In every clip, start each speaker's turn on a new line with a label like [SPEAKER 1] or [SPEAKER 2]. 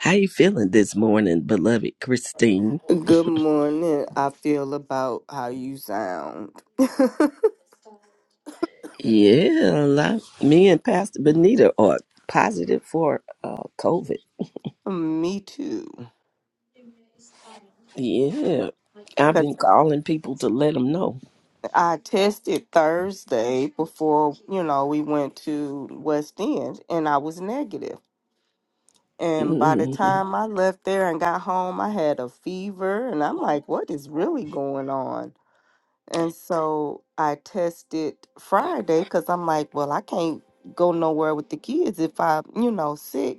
[SPEAKER 1] How you feeling this morning, beloved Christine?
[SPEAKER 2] Good morning. I feel about how you sound.
[SPEAKER 1] Yeah, a lot. Me and Pastor Benita are positive for uh, COVID.
[SPEAKER 2] Me too.
[SPEAKER 1] Yeah, I've been
[SPEAKER 2] Cause
[SPEAKER 1] calling people to let them know.
[SPEAKER 2] I tested Thursday before you know we went to West End, and I was negative. And by the
[SPEAKER 1] Mhm.
[SPEAKER 2] time I left there and got home, I had a fever, and I'm like, "What is really going on?" And so I tested Friday because I'm like, "Well, I can't go nowhere with the kids if I, you know, sick."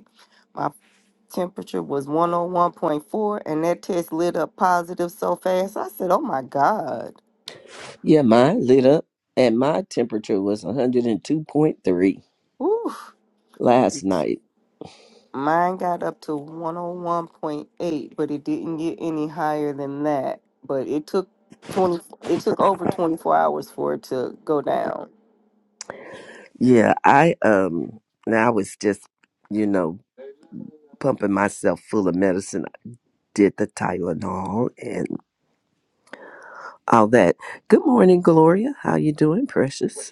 [SPEAKER 2] temperature was 101.4 and that test lit up positive so fast. I said, oh my God.
[SPEAKER 1] Yeah, mine lit up, and my temperature was 102.3
[SPEAKER 2] Whew.
[SPEAKER 1] last night.
[SPEAKER 2] Mine got up to 101.8, but it didn't get any higher than that. But it took 20 it took over 24 hours for it to go down.
[SPEAKER 1] Yeah, I um, now I was just, you know, pumping myself full of medicine. I did the Tylenol and all that. Good morning, Gloria. How you doing, precious?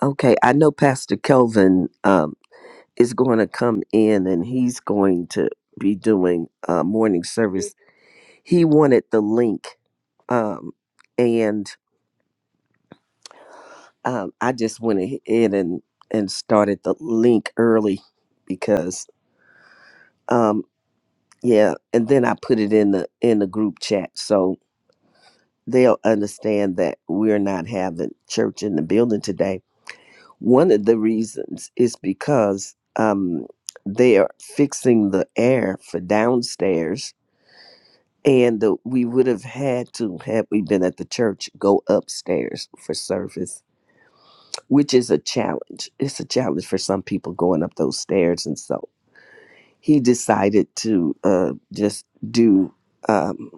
[SPEAKER 1] Okay, I know Pastor Kelvin um, is going to come in and he's going to be doing uh, morning service. He wanted the link, um, and um, I just went ahead and and started the link early because um, yeah, and then I put it in the in the group chat so they'll understand that we're not having church in the building today One of the reasons is because um, they are fixing the air for downstairs, and uh, we would have had to, had we been at the church, go upstairs for service, which is a challenge. It's a challenge for some people going up those stairs, and so he decided to uh, just do um,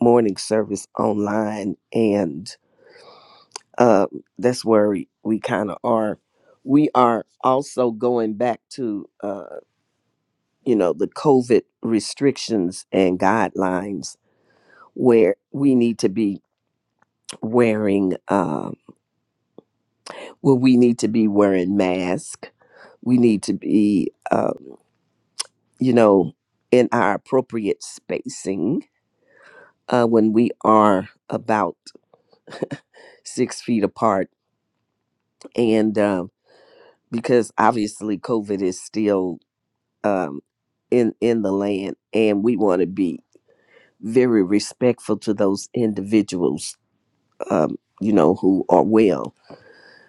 [SPEAKER 1] morning service online, and uh, that's where we, we kind of are. We are also going back to. uh, you know, the COVID restrictions and guidelines where we need to be wearing, uh, where we need to be wearing masks. We need to be, uh, you know, in our appropriate spacing uh, when we are about six feet apart. And uh, because obviously COVID is still um, in, in the land and we want to be very respectful to those individuals um, you know, who are well.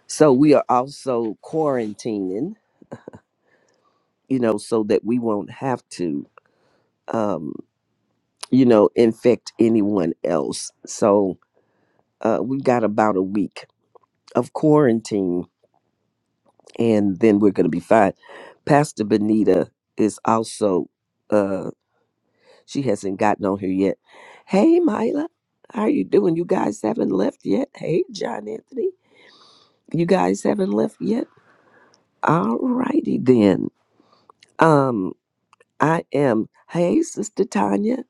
[SPEAKER 1] So we are also quarantining, you know, so that we won't have to, um, you know, infect anyone else. So uh, we've got about a week of quarantine and then we're going to be fine. Pastor Benita is also, uh, she hasn't gotten on here yet. Hey, Mila, how are you doing? You guys haven't left yet. Hey, John Anthony, you guys haven't left yet. All righty then. Um, I am. Hey, Sister Tanya.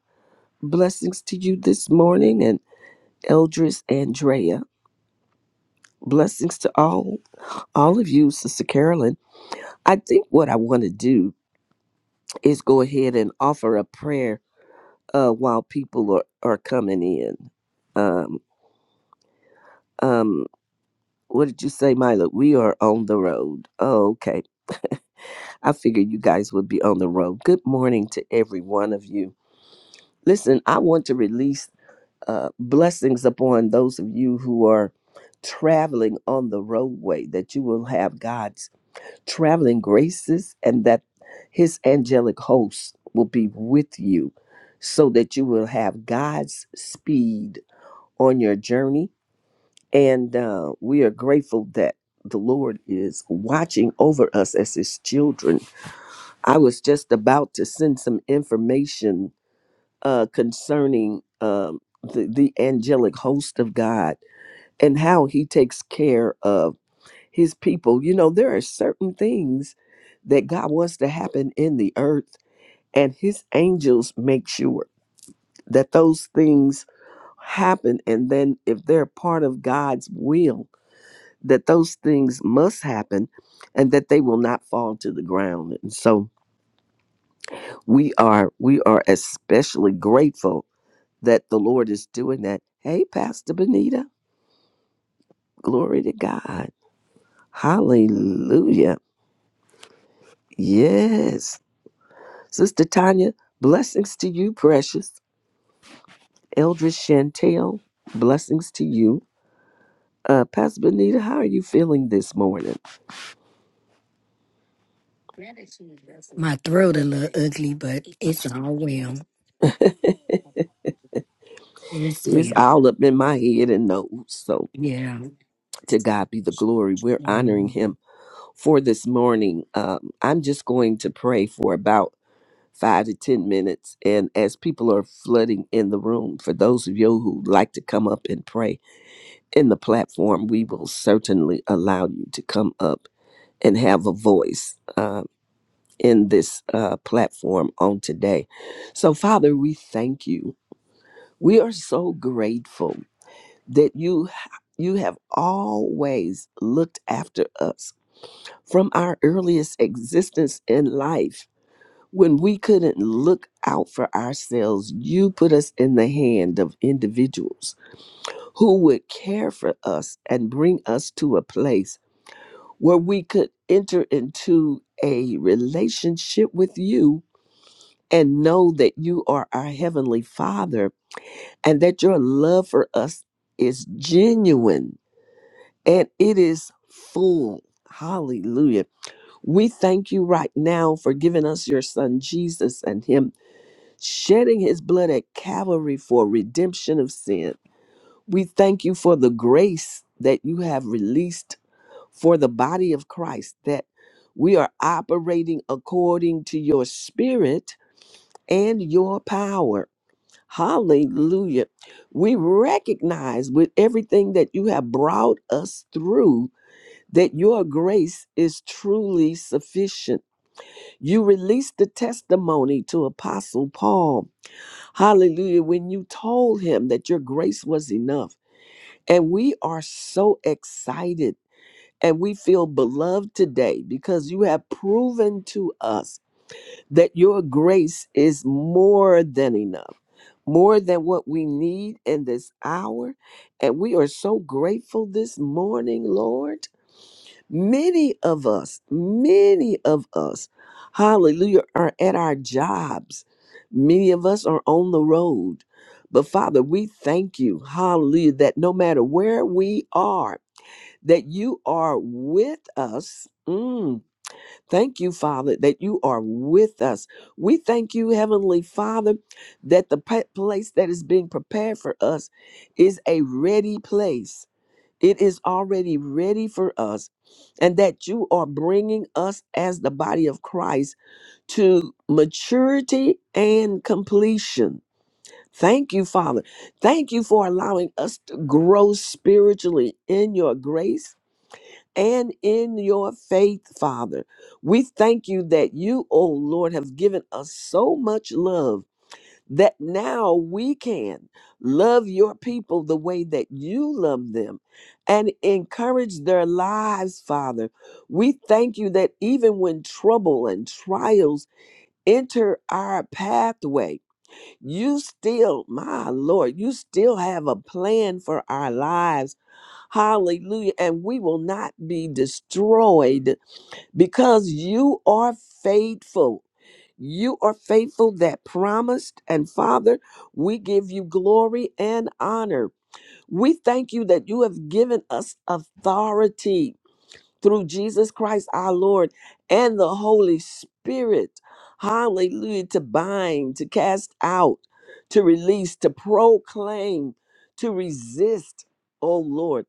[SPEAKER 1] Blessings to you this morning and Eldris Andrea. Blessings to all all of you, Sister Carolyn. I think what I want to do is go ahead and offer a prayer uh, while people are, are coming in. Um, um, what did you say, Mila? We are on the road. Oh, okay. I figured you guys would be on the road. Good morning to every one of you. Listen, I want to release uh, blessings upon those of you who are traveling on the roadway, that you will have God's traveling graces and that His angelic host will be with you so that you will have God's speed on your journey. And uh, we are grateful that the Lord is watching over us as His children. I was just about to send some information uh, concerning um, the, the angelic host of God and how he takes care of his people. You know, there are certain things that God wants to happen in the earth, and his angels make sure that those things happen. And then, if they're part of God's will, that those things must happen and that they will not fall to the ground. And so we are we are especially grateful that the Lord is doing that. Hey, Pastor Benita, glory to God. Hallelujah. Yes. Sister Tanya, blessings to you, precious. Eldridge Chantel, blessings to you. Uh, Pastor Benita, how are you feeling this morning?
[SPEAKER 3] My throat a little ugly, but it's all well. It's
[SPEAKER 1] It's
[SPEAKER 3] well.
[SPEAKER 1] all up in my head and nose. So
[SPEAKER 3] Yeah.
[SPEAKER 1] to God be the glory. We're honoring
[SPEAKER 3] Mhm.
[SPEAKER 1] him for this morning. Um, I'm just going to pray for about five to 10 minutes. And as people are flooding in the room, for those of you who like to come up and pray in the platform, we will certainly allow you to come up and have a voice uh, in this uh, platform on today. So, Father, we thank you. We are so grateful that you you have always looked after us from our earliest existence in life. When we couldn't look out for ourselves, you put us in the hand of individuals who would care for us and bring us to a place where we could enter into a relationship with you and know that you are our Heavenly Father and that your love for us is genuine and it is full. Hallelujah. We thank you right now for giving us your Son Jesus and Him shedding His blood at Calvary for redemption of sin. We thank you for the grace that you have released for the body of Christ that we are operating according to your spirit and your power. Hallelujah. We recognize with everything that you have brought us through that your grace is truly sufficient. You released the testimony to Apostle Paul. Hallelujah. When you told him that your grace was enough. And we are so excited and we feel beloved today because you have proven to us that your grace is more than enough, more than what we need in this hour. And we are so grateful this morning, Lord. Many of us, many of us, hallelujah, are at our jobs. Many of us are on the road. But Father, we thank you, hallelujah, that no matter where we are, that you are with us. Mm, thank you, Father, that you are with us. We thank you, Heavenly Father, that the pa- place that is being prepared for us is a ready place. It is already ready for us, and that you are bringing us as the body of Christ to maturity and completion. Thank you, Father. Thank you for allowing us to grow spiritually in your grace and in your faith, Father. We thank you that you, O Lord, have given us so much love that now we can love your people the way that you love them and encourage their lives, Father. We thank you that even when trouble and trials enter our pathway, you still, my Lord, you still have a plan for our lives. Hallelujah. And we will not be destroyed because you are faithful. You are faithful that promised. And Father, we give you glory and honor. We thank you that you have given us authority through Jesus Christ our Lord and the Holy Spirit. Hallelujah. To bind, to cast out, to release, to proclaim, to resist, oh Lord,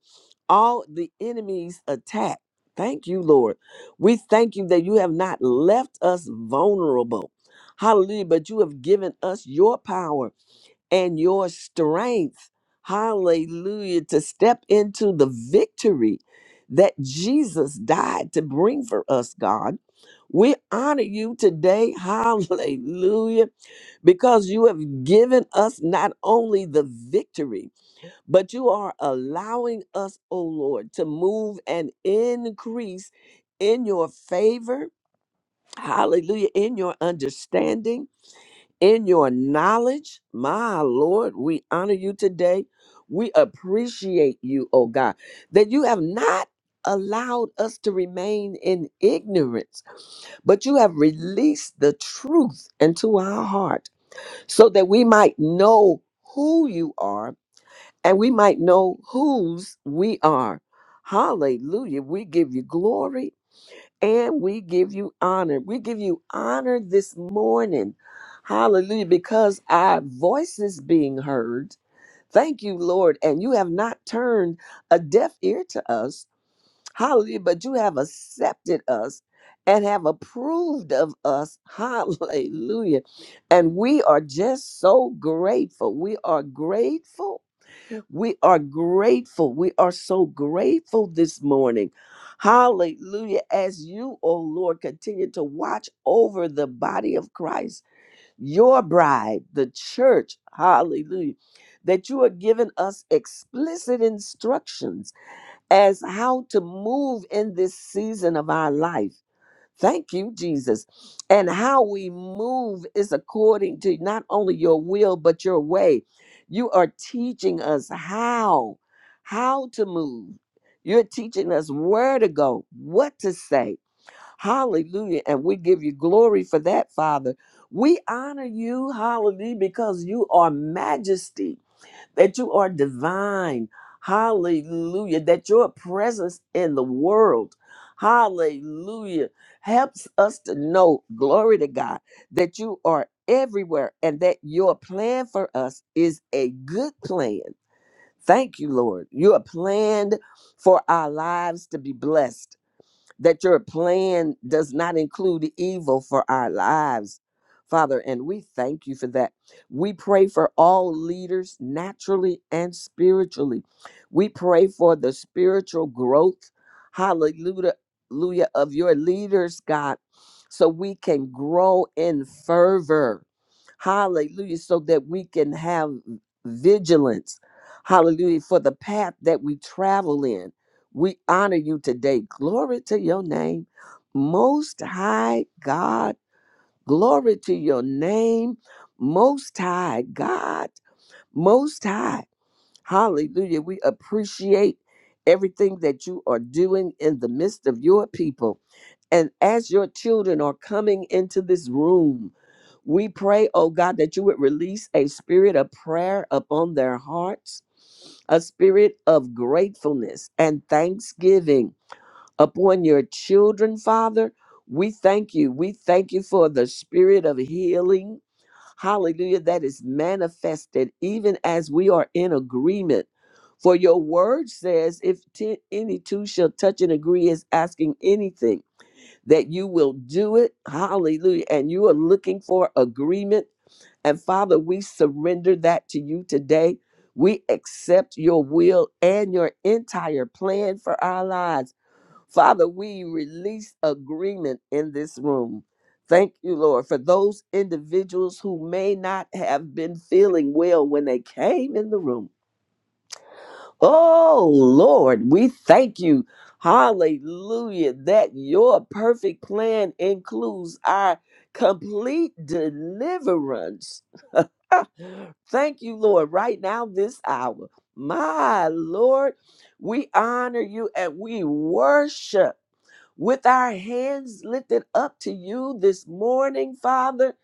[SPEAKER 1] all the enemy's attack. Thank you, Lord. We thank you that you have not left us vulnerable. Hallelujah. But you have given us your power and your strength. Hallelujah. To step into the victory that Jesus died to bring for us, God. We honor you today. Hallelujah. Because you have given us not only the victory, but you are allowing us, oh Lord, to move and increase in your favor. Hallelujah. In your understanding in your knowledge. My Lord, we honor you today. We appreciate you, oh God, that you have not allowed us to remain in ignorance, but you have released the truth into our heart so that we might know who you are and we might know whose we are. Hallelujah. We give you glory and we give you honor. We give you honor this morning. Hallelujah. Because our voice is being heard. Thank you, Lord. And you have not turned a deaf ear to us. Hallelujah. But you have accepted us and have approved of us. Hallelujah. And we are just so grateful. We are grateful we are grateful. We are so grateful this morning. Hallelujah. As you, oh Lord, continue to watch over the body of Christ, your bride, the church. Hallelujah. That you are giving us explicit instructions as how to move in this season of our life. Thank you, Jesus. And how we move is according to not only your will, but your way. You are teaching us how, how to move. You're teaching us where to go, what to say. Hallelujah. And we give you glory for that, Father. We honor you, hallelujah, because you are majesty that you are divine. Hallelujah. That your presence in the world, hallelujah, helps us to know, glory to God, that you are everywhere and that your plan for us is a good plan. Thank you, Lord. You are planned for our lives to be blessed that your plan does not include evil for our lives, Father. And we thank you for that. We pray for all leaders, naturally and spiritually. We pray for the spiritual growth, hallelujah, hallelujah, of your leaders, God, so we can grow in fervor, hallelujah, so that we can have vigilance. Hallelujah, for the path that we travel in. We honor you today. Glory to your name, Most High God. Glory to your name, Most High God. Most High. Hallelujah. We appreciate everything that you are doing in the midst of your people. And as your children are coming into this room, we pray, oh God, that you would release a spirit of prayer upon their hearts, a spirit of gratefulness and thanksgiving upon your children, Father. We thank you. We thank you for the spirit of healing. Hallelujah. That is manifested even as we are in agreement. For your word says, if ten, any two shall touch and agree is asking anything, that you will do it. Hallelujah. And you are looking for agreement. And Father, we surrender that to you today. We accept your will and your entire plan for our lives Father, we release agreement in this room. Thank you, Lord, for those individuals who may not have been feeling well when they came in the room. Oh, Lord, we thank you. Hallelujah, that your perfect plan includes our complete deliverance. Thank you, Lord, right now, this hour. My Lord, we honor you and we worship with our hands lifted up to you this morning, Father.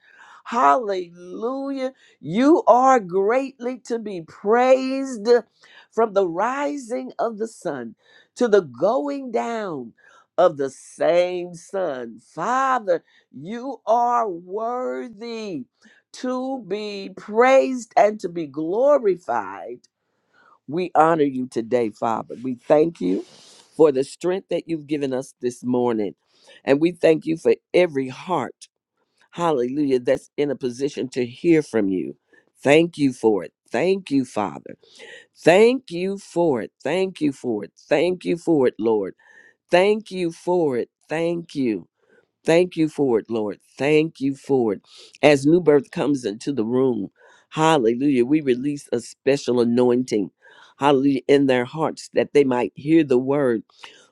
[SPEAKER 1] Hallelujah. You are greatly to be praised from the rising of the sun to the going down of the same sun. Father, you are worthy to be praised and to be glorified. We honor you today, Father. We thank you for the strength that you've given us this morning. And we thank you for every heart, hallelujah, that's in a position to hear from you. Thank you for it. Thank you, Father. Thank you for it. Thank you for it. Thank you for it, Lord. Thank you for it. Thank you. Thank you for it, Lord. Thank you for it. As new birth comes into the room, hallelujah, we release a special anointing, hallelujah, in their hearts that they might hear the word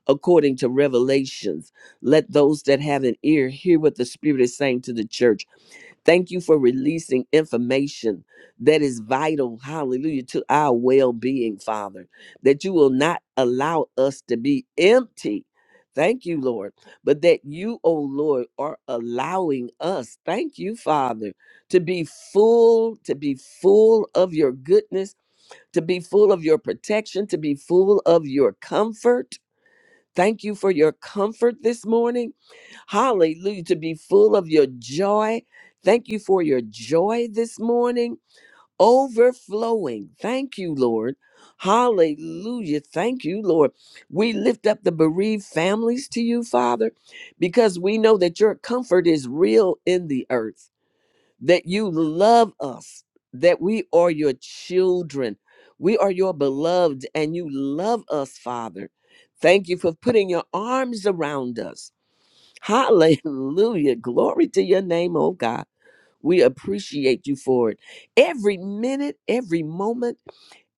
[SPEAKER 1] according to revelations. Let those that have an ear hear what the Spirit is saying to the church. Thank you for releasing information that is vital, hallelujah, to our well being, Father, that you will not allow us to be empty. Thank you, Lord, but that you, oh Lord, are allowing us, thank you, Father, to be full, to be full of your goodness, to be full of your protection, to be full of your comfort. Thank you for your comfort this morning. Hallelujah. To be full of your joy. Thank you for your joy this morning. Overflowing. Thank you, Lord. Hallelujah. Thank you, Lord. We lift up the bereaved families to you, Father, because we know that your comfort is real in the earth, that you love us, that we are your children. We are your beloved, and you love us, Father. Thank you for putting your arms around us. Hallelujah. Glory to your name, oh God. We appreciate you for it. Every minute, every moment,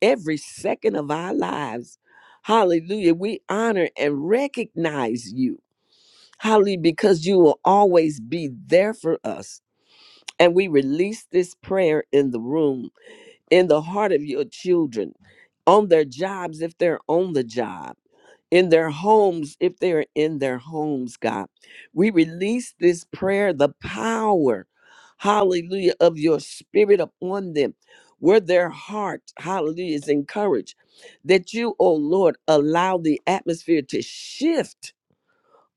[SPEAKER 1] every second of our lives. Hallelujah. We honor and recognize you. Hallelujah, because you will always be there for us. And we release this prayer in the room, in the heart of your children, on their jobs if they're on the job in their homes, if they are in their homes, God. We release this prayer, the power, hallelujah, of your spirit upon them, where their heart, hallelujah, is encouraged. That you, oh Lord, allow the atmosphere to shift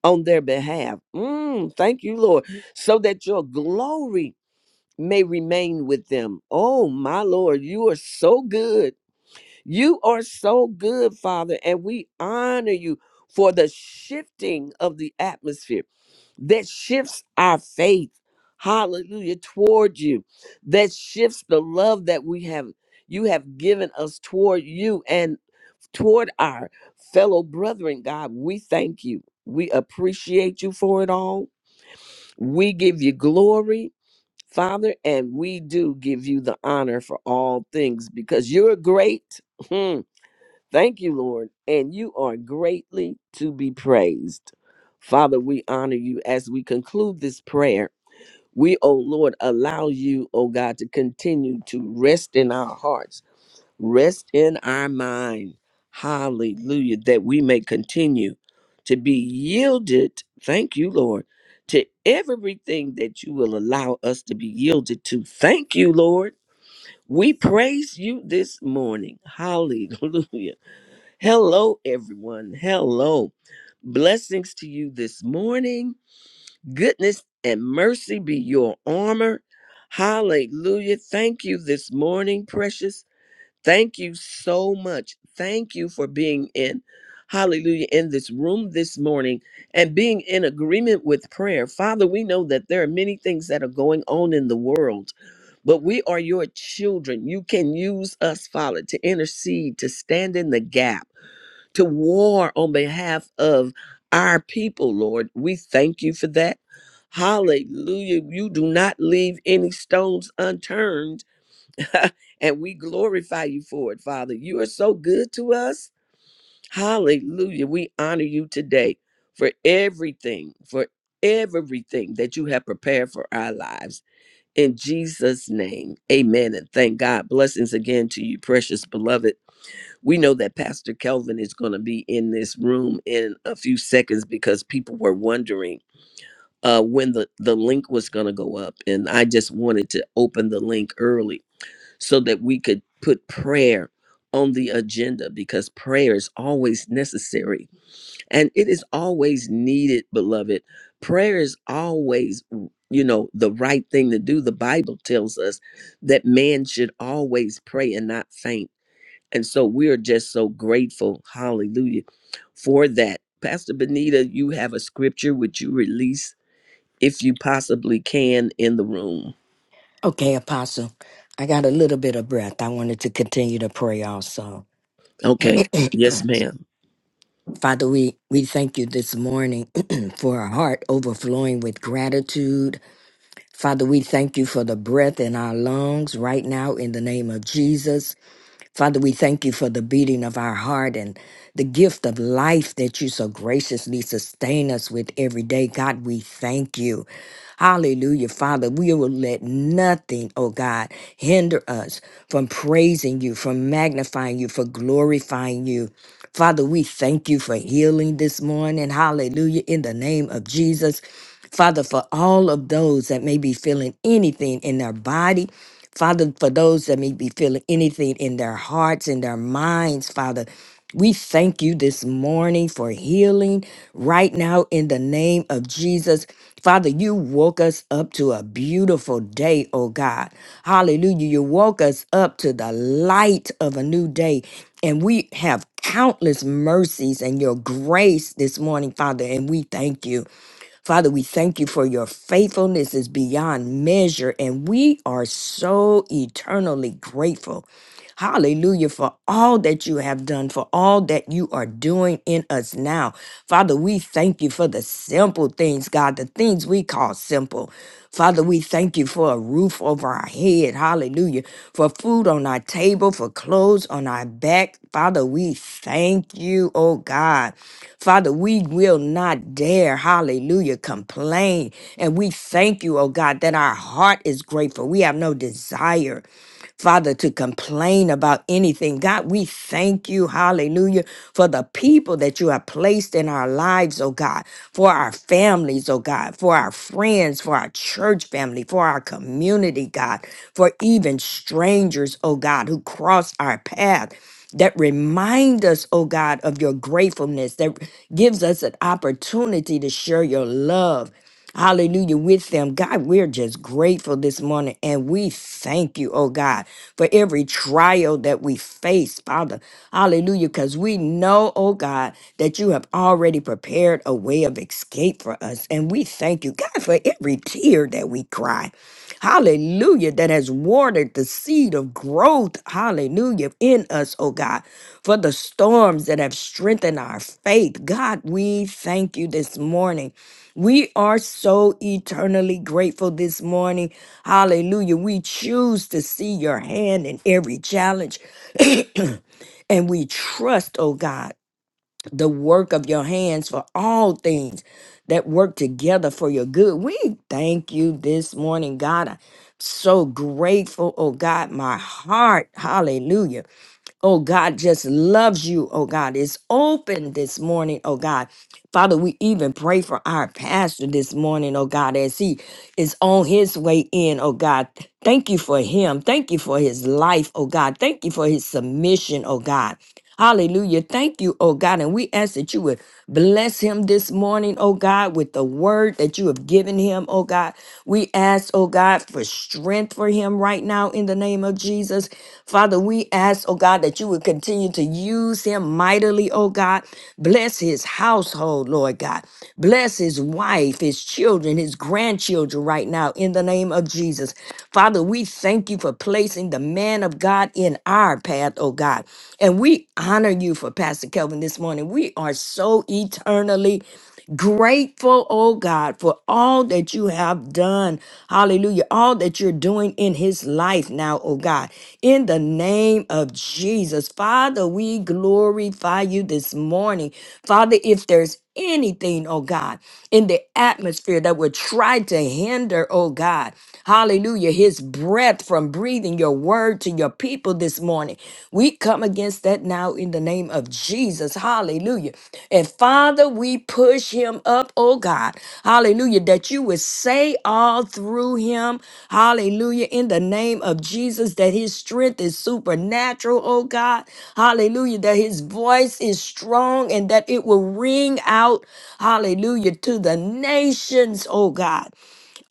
[SPEAKER 1] on their behalf. Mm, thank you, Lord, so that your glory may remain with them. Oh, my Lord, you are so good. You are so good, Father, and we honor you for the shifting of the atmosphere that shifts our faith, hallelujah, toward you, that shifts the love that we have you have given us toward you and toward our fellow brethren, God. We thank you. We appreciate you for it all. We give you glory, Father, and we do give you the honor for all things because you're great. Thank you, Lord. And you are greatly to be praised. Father, we honor you as we conclude this prayer. We, oh Lord, allow you, oh God, to continue to rest in our hearts, rest in our mind. Hallelujah. That we may continue to be yielded. Thank you, Lord, to everything that you will allow us to be yielded to. Thank you, Lord. We praise you this morning. Hallelujah. Hello, everyone. Hello. Blessings to you this morning. Goodness and mercy be your armor. Hallelujah. Thank you this morning, precious. Thank you so much. Thank you for being in, hallelujah, in this room this morning and being in agreement with prayer. Father, we know that there are many things that are going on in the world but we are your children. You can use us, Father, to intercede, to stand in the gap to war on behalf of our people, Lord. We thank you for that. Hallelujah. You do not leave any stones unturned, and we glorify you for it, Father. You are so good to us. Hallelujah. We honor you today for everything, for everything that you have prepared for our lives. In Jesus' name, amen. And thank God. Blessings again to you, precious beloved we know that Pastor Kelvin is going to be in this room in a few seconds because people were wondering uh, when the, the link was going to go up. And I just wanted to open the link early so that we could put prayer on the agenda because prayer is always necessary and it is always needed, beloved. Prayer is always, you know, the right thing to do. The Bible tells us that man should always pray and not faint and so we are just so grateful, hallelujah, for that. Pastor Benita, you have a scripture which you release if you possibly can in the room.
[SPEAKER 3] Okay, Apostle. I got a little bit of breath. I wanted to continue to pray also.
[SPEAKER 1] Okay. Yes, ma'am.
[SPEAKER 3] Father, we, we thank you this morning for a heart overflowing with gratitude. Father, we thank you for the breath in our lungs right now in the name of Jesus. Father, we thank you for the beating of our heart and the gift of life that you so graciously sustain us with every day. God, we thank you. Hallelujah, Father. We will let nothing, oh God, hinder us from praising you, from magnifying you, for glorifying you. Father, we thank you for healing this morning. Hallelujah. In the name of Jesus. Father, for all of those that may be feeling anything in their body, Father, for those that may be feeling anything in their hearts, in their minds, Father. We thank you this morning for healing right now in the name of Jesus. Father, you woke us up to a beautiful day, oh God. Hallelujah. You woke us up to the light of a new day. And we have countless mercies and your grace this morning, Father, and we thank you. Father, we thank you for your faithfulness is beyond measure, and we are so eternally grateful. Hallelujah for all that you have done, for all that you are doing in us now. Father, we thank you for the simple things, God, the things we call simple. Father, we thank you for a roof over our head. Hallelujah. For food on our table, for clothes on our back. Father, we thank you, oh God. Father, we will not dare, hallelujah, complain. And we thank you, oh God, that our heart is grateful. We have no desire. Father, to complain about anything. God, we thank you, hallelujah, for the people that you have placed in our lives, oh God, for our families, oh God, for our friends, for our church family, for our community, God, for even strangers, oh God, who cross our path. That remind us, oh God, of your gratefulness, that gives us an opportunity to share your love Hallelujah. With them, God, we're just grateful this morning and we thank you, oh God, for every trial that we face, Father. Hallelujah. Because we know, oh God, that you have already prepared a way of escape for us. And we thank you, God, for every tear that we cry. Hallelujah, that has watered the seed of growth. Hallelujah, in us, oh God, for the storms that have strengthened our faith. God, we thank you this morning. We are so eternally grateful this morning. Hallelujah. We choose to see your hand in every challenge and we trust, oh God the work of your hands for all things that work together for your good. We thank you this morning, God. I'm so grateful, oh God. My heart, hallelujah, oh God, just loves you, oh God. It's open this morning, oh God. Father, we even pray for our pastor this morning, oh God, as he is on his way in, oh God. Thank you for him. Thank you for his life, oh God. Thank you for his submission, oh God. Hallelujah. Thank you, oh God. And we ask that you would bless him this morning, oh God, with the word that you have given him, oh God. We ask, oh God, for strength for him right now in the name of Jesus. Father, we ask, oh God, that you would continue to use him mightily, oh God. Bless his household, Lord God. Bless his wife, his children, his grandchildren right now in the name of Jesus. Father, we thank you for placing the man of God in our path, oh God. And we honor you for Pastor Kelvin this morning. We are so eternally Grateful, oh God, for all that you have done. Hallelujah. All that you're doing in his life now, oh God. In the name of Jesus. Father, we glorify you this morning. Father, if there's anything, oh God, in the atmosphere that would try to hinder, oh God, hallelujah, his breath from breathing your word to your people this morning body. We come against that now in the name of Jesus. Hallelujah. And Father, we push him up, oh God. Hallelujah. That you would say all through him. Hallelujah. In the name of Jesus, that his strength is supernatural, oh God. Hallelujah. That his voice is strong and that it will ring out. Hallelujah. To the nations, oh God.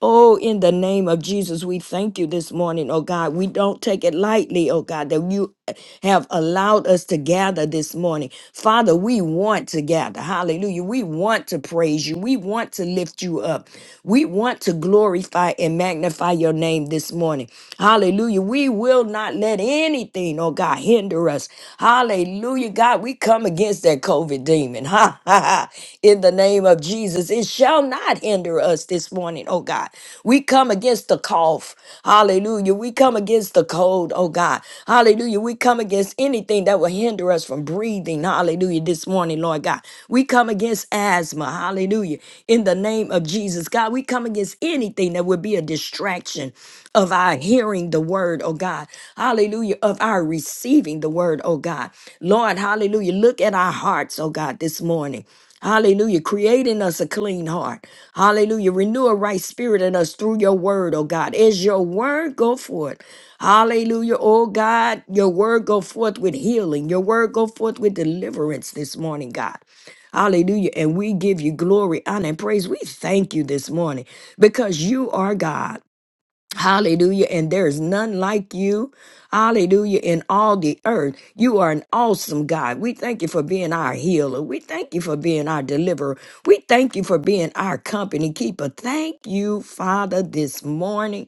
[SPEAKER 3] Oh, in the name of Jesus, we thank you this morning, oh God. We don't take it lightly, oh God, that you have allowed us to gather this morning. Father, we want to gather. Hallelujah. We want to praise you. We want to lift you up. We want to glorify and magnify your name this morning. Hallelujah. We will not let anything, oh God, hinder us. Hallelujah. God, we come against that COVID demon. Ha ha ha. In the name of Jesus, it shall not hinder us this morning, oh God. We come against the cough. Hallelujah. We come against the cold, oh God. Hallelujah. We come against anything that will hinder us from breathing. Hallelujah. This morning, Lord God. We come against asthma. Hallelujah. In the name of Jesus, God, we come against anything that would be a distraction of our hearing the word, oh God. Hallelujah. Of our receiving the word, oh God. Lord, hallelujah. Look at our hearts, oh God, this morning. Hallelujah. Create in us a clean heart. Hallelujah. Renew a right spirit in us through your word, oh God. As your word go forth. Hallelujah. Oh God, your word go forth with healing. Your word go forth with deliverance this morning, God. Hallelujah. And we give you glory, honor, and praise. We thank you this morning because you are God. Hallelujah. And there is none like you. Hallelujah. In all the earth, you are an awesome God. We thank you for being our healer. We thank you for being our deliverer. We thank you for being our company keeper. Thank you, Father, this morning.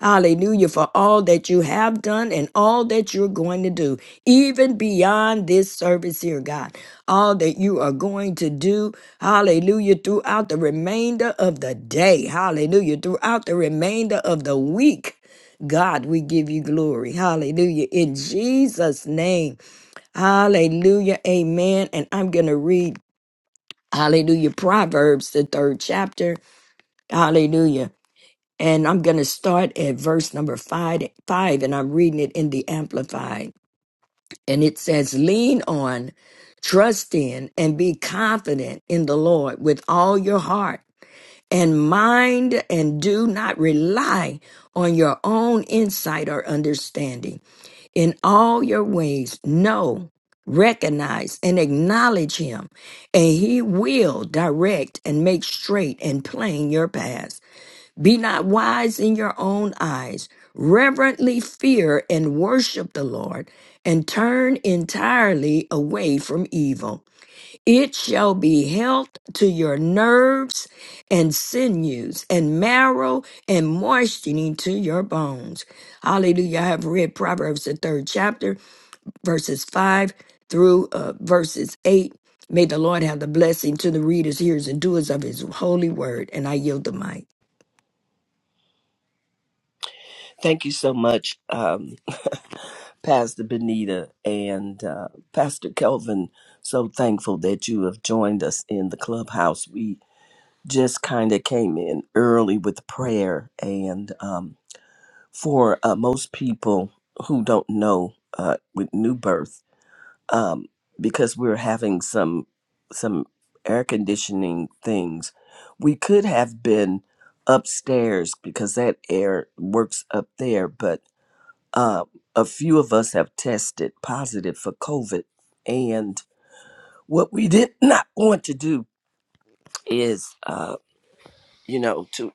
[SPEAKER 3] Hallelujah for all that you have done and all that you're going to do, even beyond this service here, God. All that you are going to do, hallelujah, throughout the remainder of the day, hallelujah, throughout the remainder of the week. God, we give you glory. Hallelujah. In Jesus' name. Hallelujah. Amen. And I'm going to read, hallelujah, Proverbs, the third chapter. Hallelujah. And I'm going to start at verse number five, five, and I'm reading it in the Amplified. And it says, Lean on, trust in, and be confident in the Lord with all your heart and mind, and do not rely on your own insight or understanding. In all your ways, know, recognize, and acknowledge Him, and He will direct and make straight and plain your paths. Be not wise in your own eyes. Reverently fear and worship the Lord, and turn entirely away from evil. It shall be health to your nerves and sinews, and marrow and moistening to your bones. Hallelujah. I have read Proverbs, the third chapter, verses 5 through uh, verses 8. May the Lord have the blessing to the readers, hearers, and doers of his holy word. And I yield the mic.
[SPEAKER 1] Thank you so much, um, Pastor Benita and uh, Pastor Kelvin. So thankful that you have joined us in the clubhouse. We just kind of came in early with prayer, and um, for uh, most people who don't know uh, with new birth, um, because we're having some some air conditioning things, we could have been upstairs because that air works up there, but uh, a few of us have tested positive for COVID. And what we did not want to do is, uh, you know, to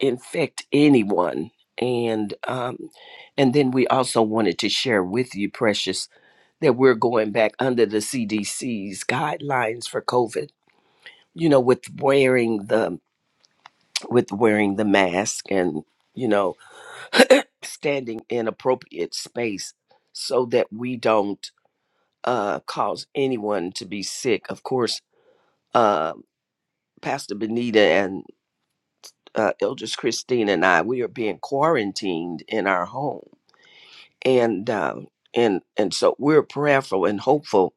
[SPEAKER 1] infect anyone. And um, and then we also wanted to share with you, Precious, that we're going back under the CDC's guidelines for COVID. You know, with wearing the with wearing the mask and you know standing in appropriate space so that we don't uh, cause anyone to be sick. Of course, uh, Pastor Benita and uh, Elders Christine and I, we are being quarantined in our home, and uh, and and so we're prayerful and hopeful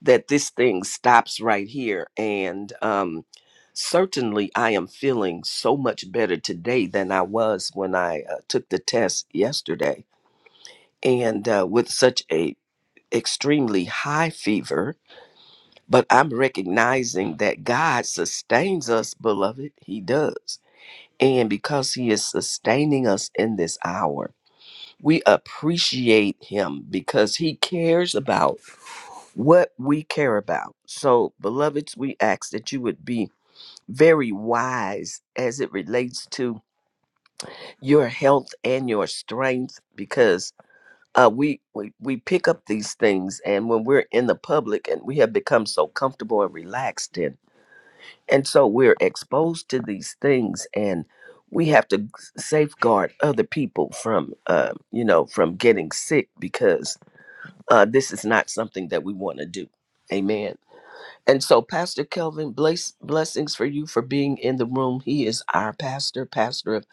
[SPEAKER 1] that this thing stops right here. And um, certainly, I am feeling so much better today than I was when I uh, took the test yesterday, and uh, with such a extremely high fever But I'm recognizing that God sustains us, beloved. He does. And because He is sustaining us in this hour, we appreciate Him because He cares about what we care about. So, beloveds, we ask that you would be very wise as it relates to your health and your strength because uh, we, we we pick up these things and when we're in the public and we have become so comfortable and relaxed in And so we're exposed to these things, and we have to safeguard other people from, uh, you know, from getting sick because uh, this is not something that we want to do. Amen. And so, Pastor Kelvin, bless, blessings for you for being in the room. He is our pastor, pastor of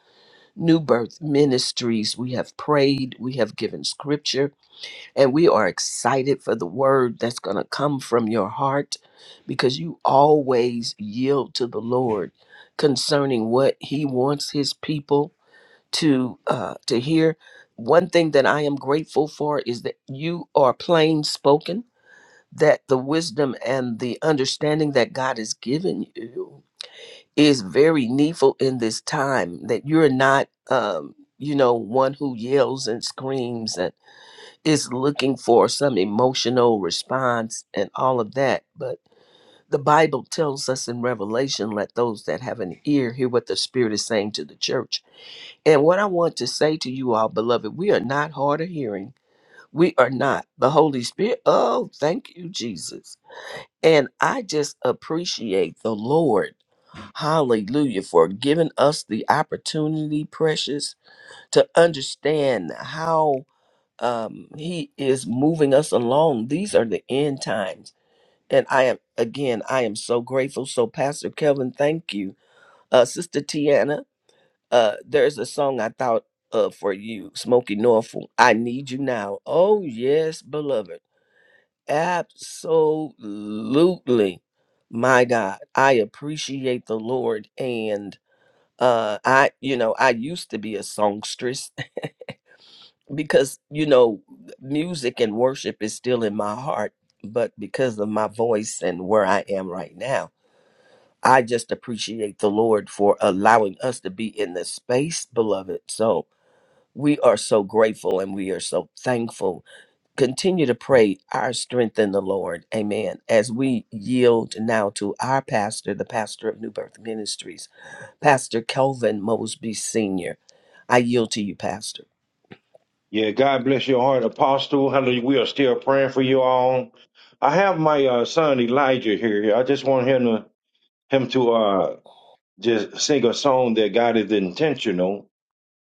[SPEAKER 1] New Birth Ministries. We have prayed, we have given scripture, and we are excited for the word that's going to come from your heart because you always yield to the Lord concerning what he wants his people to uh, to hear. One thing that I am grateful for is that you are plain spoken, that the wisdom and the understanding that God has given you is very needful in this time, that you're not um, you know, one who yells and screams is looking for some emotional response and all of that. But the Bible tells us in Revelation, let those that have an ear hear what the Spirit is saying to the church. And what I want to say to you all, beloved, we are not hard of hearing. We are not. The Holy Spirit, oh, thank you, Jesus. And I just appreciate the Lord, hallelujah, for giving us the opportunity, precious, to understand how um, he is moving us along. These are the end times. And I am, again, I am so grateful. So, Pastor Kelvin, thank you. Uh, Sister Tiana, uh, there's a song I thought of for you, Smokey Norfolk. I Need You Now. Oh, yes, beloved. Absolutely. My God, I appreciate the Lord. And uh, I, you know, I used to be a songstress because you know music and worship is still in my heart but because of my voice and where i am right now i just appreciate the lord for allowing us to be in this space beloved so we are so grateful and we are so thankful continue to pray our strength in the lord amen as we yield now to our pastor the pastor of new birth ministries pastor kelvin mosby senior i yield to you pastor
[SPEAKER 4] Yeah, God bless your heart, Apostle. Hallelujah. We are still praying for you all. I have my uh, son Elijah here. I just want him to him to uh, just sing a song that God is intentional,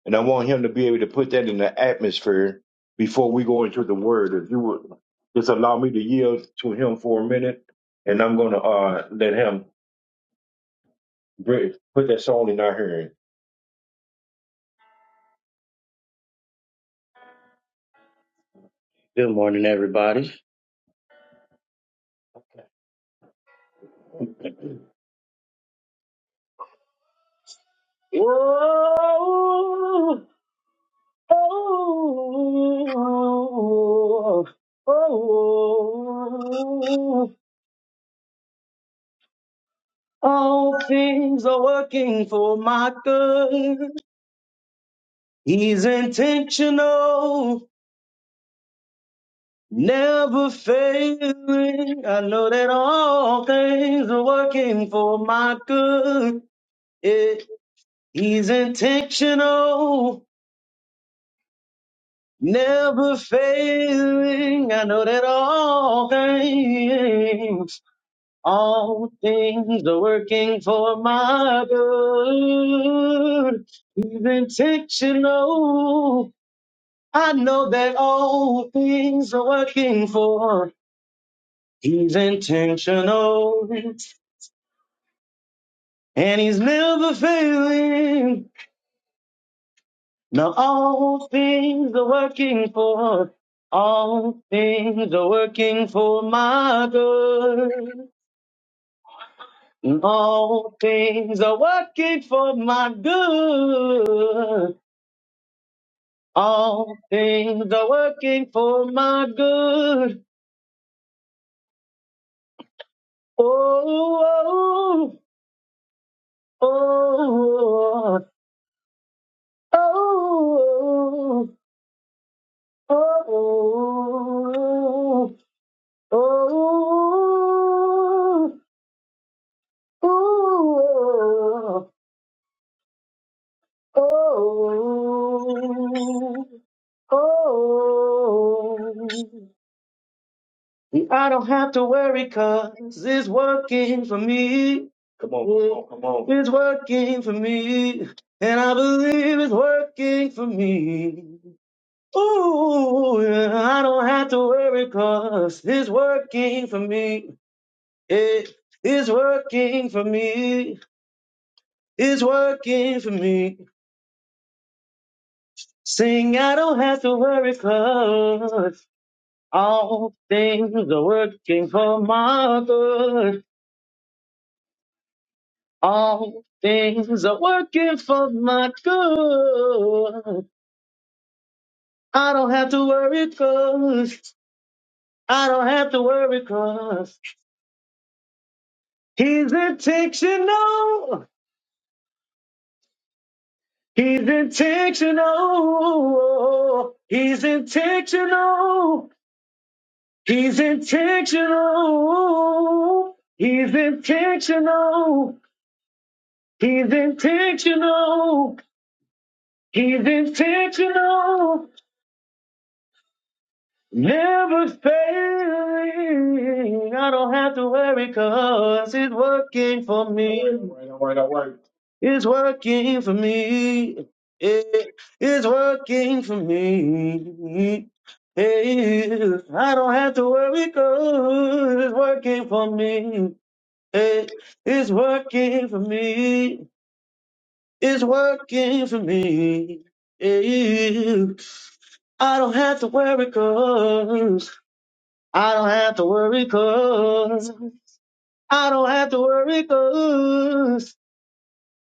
[SPEAKER 4] and I want him to be able to put that in the atmosphere before we go into the Word. If you would just allow me to yield to him for a minute, and I'm going to uh, let him br- put that song in our hearing. Good morning, everybody. Whoa. Oh, oh, oh, all things are working for my good. He's intentional, never failing. I know that all things are working for my good. Yeah. He's intentional, never failing. I know that all things All things are working for my good. He's intentional. I know that all things are working for. He's intentional and he's never failing. Now all things are working for. All things are working for my good. All things are working for my good. All things are working for my good. Oh, oh, oh, oh, oh, oh, oh, oh, oh, oh, oh. oh I don't have to worry 'cause it's working for me. Come on, come on, come on. It's working for me. And I believe it's working for me. Ooh, yeah, I don't have to worry 'cause it's working for me. It is working for me. It's working for me. Sing, I don't have to worry 'cause all things are working for my good. All things are working for my good. I don't have to worry cause I don't have to worry cause he's intentional. He's intentional. He's intentional. He's intentional. He's intentional. He's intentional. He's intentional. Never failing. I don't have to worry 'cause it's working for me. All right, all right, all right. It's working for me. It is working for me. Hey, I don't have to worry 'cause it's working for me. Hey, it's working for me. It's working for me. Hey, I don't have to worry 'cause. I don't have to worry cause I don't have to worry cause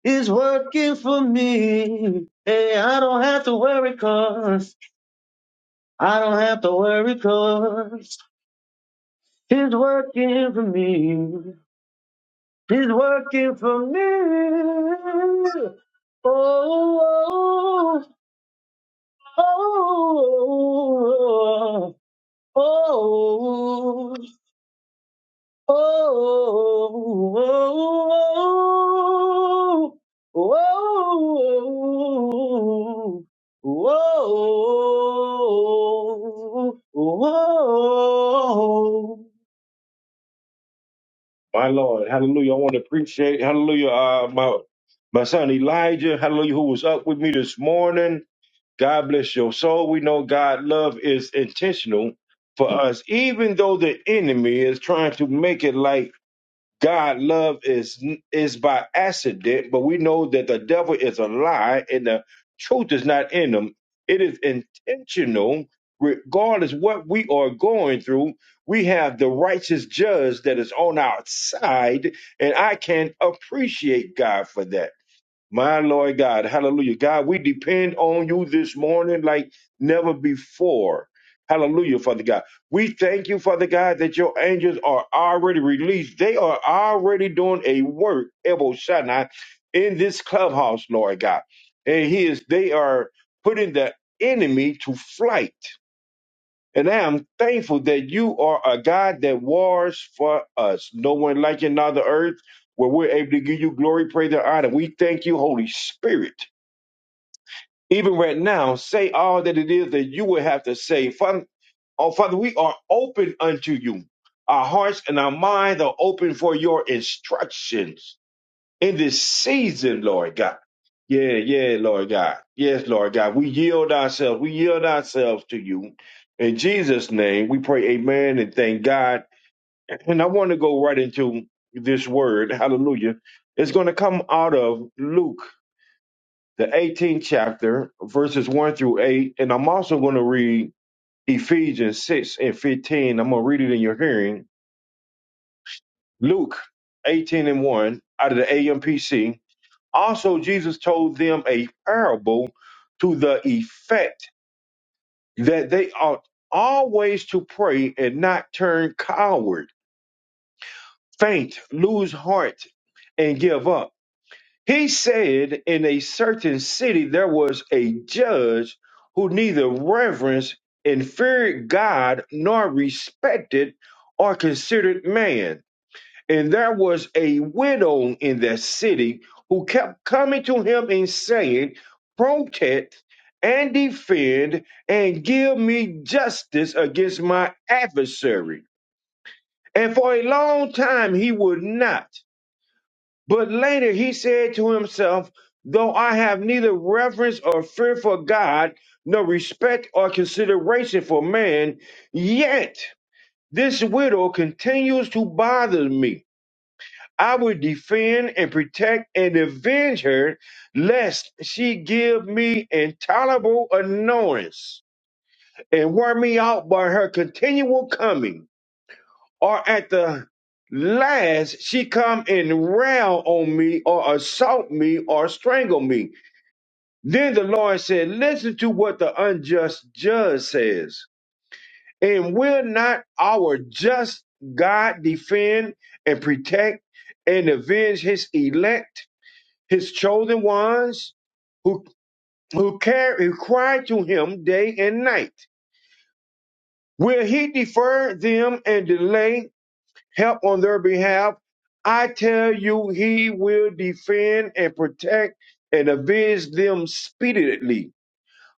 [SPEAKER 4] it's working for me. Hey, I don't have to worry cause I don't have to worry cause it's working for me. It's working for me. Oh, oh, oh, oh, oh. oh, oh, oh, oh, oh. My Lord, hallelujah. I want to appreciate, hallelujah, uh, my, my son Elijah, hallelujah, who was up with me this morning. God bless your soul. We know God love is intentional for us, even though the enemy is trying to make it like God love is is by accident, but we know that the devil is a lie and the truth is not in them. It is intentional, regardless what we are going through. We have the righteous judge that is on our side, and I can appreciate God for that. My Lord God, hallelujah. God, we depend on you this morning like never before. Hallelujah, Father God. We thank you, Father God, that your angels are already released. They are already doing a work, Ebo Shaddai, in this clubhouse, Lord God. And he is, they are putting the enemy to flight. And I am thankful that you are a God that wars for us. No one like you on the earth where we're able to give you glory, praise, and honor. We thank you, Holy Spirit. Even right now, say all that it is that you would have to say. Father, oh, Father, we are open unto you. Our hearts and our minds are open for your instructions in this season, Lord God. Yeah, yeah, Lord God. Yes, Lord God. We yield ourselves. We yield ourselves to you. In Jesus' name, we pray, Amen, and thank God. And I want to go right into this word. Hallelujah. It's going to come out of Luke, the 18th chapter, verses 1 through 8. And I'm also going to read Ephesians 6 and 15. I'm going to read it in your hearing. Luke 18 and 1 out of the AMPC. Also, Jesus told them a parable to the effect that they ought always to pray and not turn coward, faint, lose heart, and give up. He said, In a certain city there was a judge who neither reverenced and feared God nor respected or considered man. And there was a widow in that city who kept coming to him and saying, Protect and defend and give me justice against my adversary. And for a long time he would not. But later he said to himself, Though I have neither reverence or fear for God, nor respect or consideration for man, yet this widow continues to bother me. I will defend and protect and avenge her, lest she give me intolerable annoyance and wear me out by her continual coming, or at the last she come and rail on me, or assault me, or strangle me. Then the Lord said, Listen to what the unjust judge says, and will not our just God defend and protect and avenge his elect? his chosen ones who who carry who cry to him day and night. Will he defer them and delay help on their behalf? I tell you, he will defend and protect and avenge them speedily.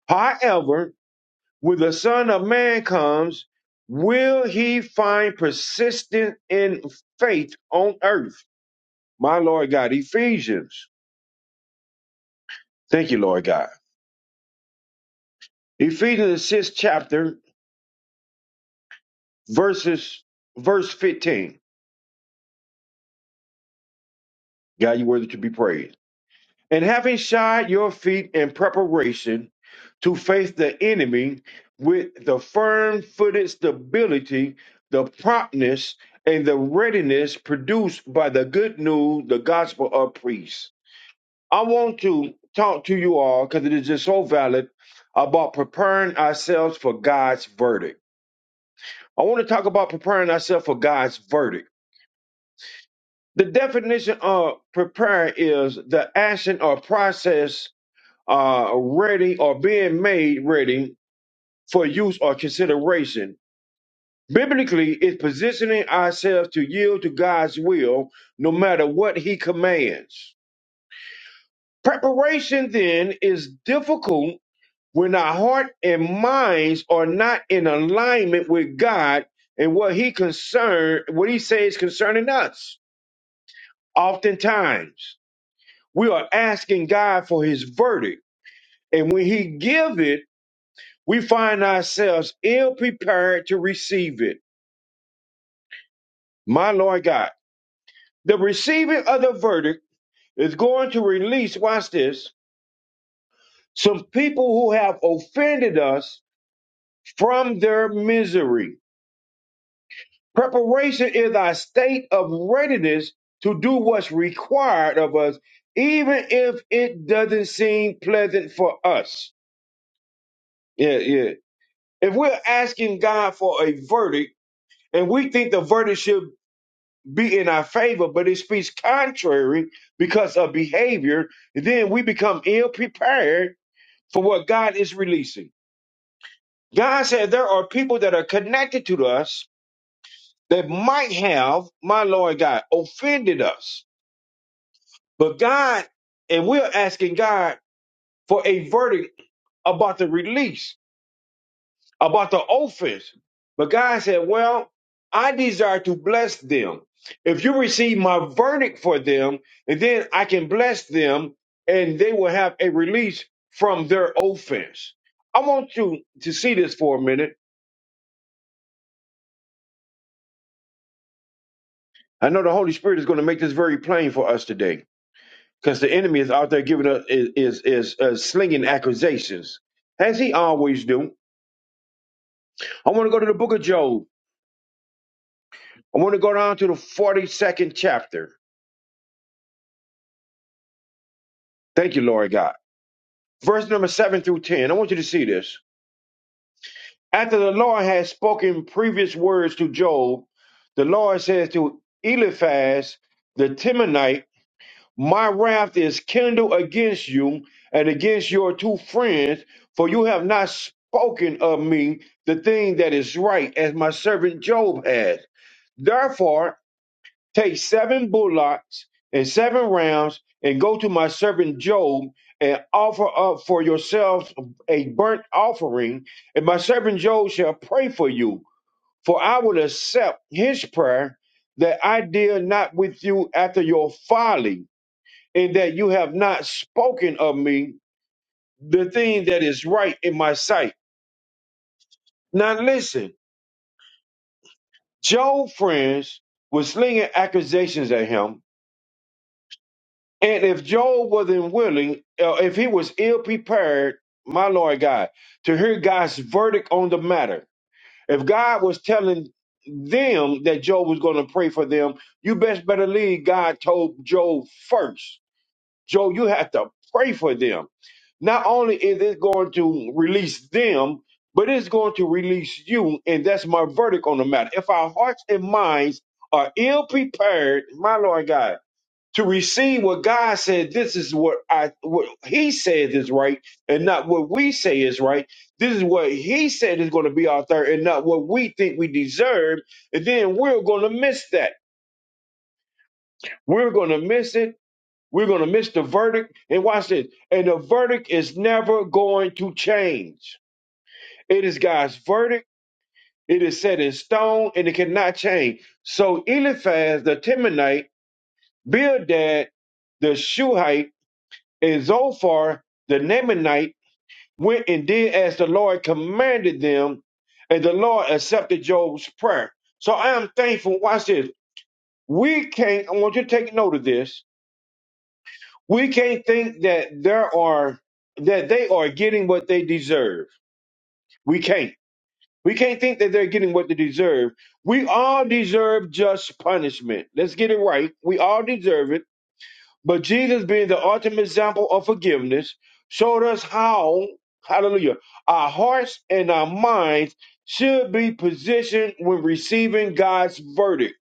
[SPEAKER 4] However, when the Son of Man comes, will he find persistence in faith on earth? My Lord God, Ephesians. Thank you, Lord God. Ephesians, the sixth chapter, verses verse 15 god you worthy to be praised and having shod your feet in preparation to face the enemy with the firm-footed stability the promptness and the readiness produced by the good news the gospel of peace i want to talk to you all because it is just so valid about preparing ourselves for god's verdict i want to talk about preparing ourselves for god's verdict The definition of prepare is the action or process uh, ready or being made ready for use or consideration. Biblically, it's positioning ourselves to yield to God's will no matter what He commands. Preparation then is difficult when our heart and minds are not in alignment with God and what He concern, what He says concerning us. Oftentimes. We are asking God for his verdict. And when he give it, we find ourselves ill prepared to receive it. My Lord God, the receiving of the verdict is going to release, watch this, some people who have offended us from their misery. Preparation is our state of readiness to do what's required of us, even if it doesn't seem pleasant for us. Yeah, yeah. If we're asking God for a verdict and we think the verdict should be in our favor, but it speaks contrary because of behavior, then we become ill prepared for what God is releasing. God said there are people that are connected to us that might have, my Lord God, offended us. But God, and we're asking God for a verdict about the release. about the offense. But God said, Well, I desire to bless them. If you receive my verdict for them, and then I can bless them, and they will have a release from their offense. I want you to see this for a minute. I know the Holy Spirit is going to make this very plain for us today, because the enemy is out there giving us is is, is uh, slinging accusations, as he always do. I want to go to the Book of Job. I want to go down to the forty second chapter. Thank you, Lord God. verse number 7 through 10. I want you to see this. After the Lord had spoken previous words to Job, the Lord says to Eliphaz the Temanite, My wrath is kindled against you and against your two friends, for you have not spoken of me the thing that is right, as my servant Job has. Therefore, Take seven bullocks and seven rams, and go to my servant Job and offer up for yourselves a burnt offering. And my servant Job shall pray for you, for I will accept his prayer that I deal not with you after your folly, and that you have not spoken of me the thing that is right in my sight. Now listen, Job friends were slinging accusations at him And if Job wasn't willing, uh, if he was ill prepared, my Lord God, to hear God's verdict on the matter, if God was telling them that Job was going to pray for them, you best better believe God told Job first. Job, you have to pray for them. Not only is it going to release them, but it's going to release you. And that's my verdict on the matter. If our hearts and minds are ill prepared, my Lord God, to receive what God said, this is what I what He says is right, and not what we say is right. This is what He said is going to be our third, and not what we think we deserve. And then we're going to miss that. We're going to miss it. We're going to miss the verdict. And watch this. And the verdict is never going to change. It is God's verdict. It is set in stone, and it cannot change. So Eliphaz the Temanite, Bildad the Shuhite And Zophar the Naamanite went and did as the Lord commanded them, and the Lord accepted Job's prayer. So I am thankful. Watch this. We can't, I want you to take note of this. We can't think that there are that they are getting what they deserve. We can't. We can't think that they're getting what they deserve. We all deserve just punishment. Let's get it right. We all deserve it But Jesus, being the ultimate example of forgiveness, showed us how, hallelujah, our hearts and our minds should be positioned when receiving God's verdict.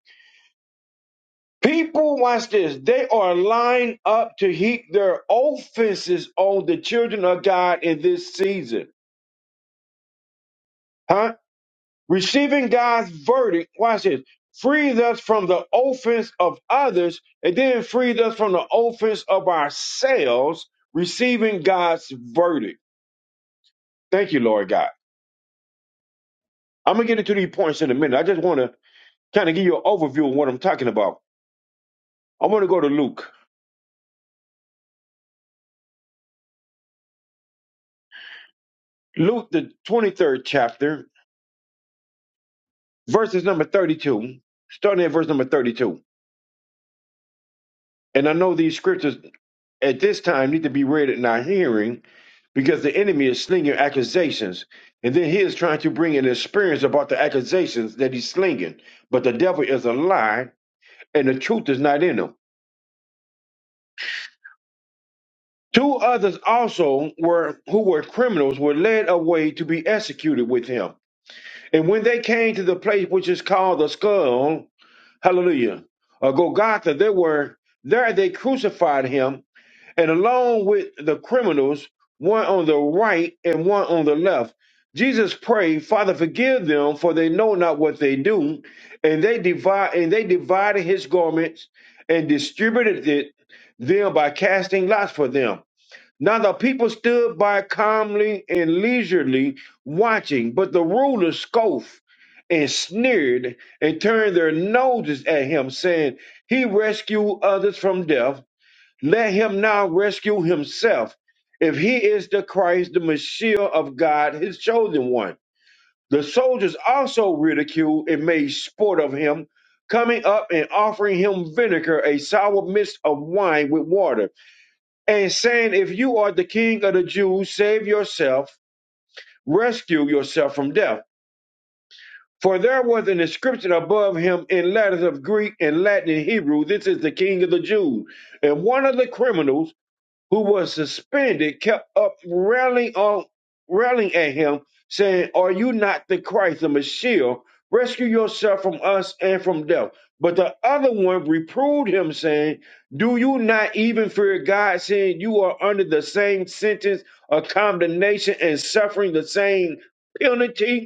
[SPEAKER 4] People, watch this, they are lined up to heap their offenses on the children of God in this season. Huh? Receiving God's verdict, watch this, frees us from the offense of others and then frees us from the offense of ourselves, receiving God's verdict. Thank you, Lord God. I'm going to get into these points in a minute. I just want to kind of give you an overview of what I'm talking about. I want to go to Luke, Luke, the 23rd chapter, verses number 32, starting at verse number 32. And I know these scriptures at this time need to be read in our hearing because the enemy is slinging accusations. And then he is trying to bring an experience about the accusations that he's slinging. But the devil is a lie and the truth is not in him. Two others also were who were criminals were led away to be executed with him. And when they came to the place which is called the skull, hallelujah, or Golgotha, they were there they crucified him and along with the criminals, one on the right and one on the left. Jesus prayed, Father, forgive them, for they know not what they do. And they divide and they divided his garments and distributed it them by casting lots for them. Now the people stood by calmly and leisurely watching, but the rulers scoffed and sneered and turned their noses at him, saying, He rescued others from death let him now rescue himself, if he is the Christ, the Messiah of God, his chosen one. The soldiers also ridiculed and made sport of him, coming up and offering him vinegar, a sour mist of wine with water, and saying, If you are the king of the Jews, save yourself, rescue yourself from death. For there was an inscription above him in letters of Greek and Latin and Hebrew, This is the king of the Jews. And one of the criminals, who was suspended, kept up railing on railing at him, saying, Are you not the Christ, the Messiah? Rescue yourself from us and from death. But the other one reproved him, saying, Do you not even fear God, saying you are under the same sentence of condemnation and suffering the same penalty?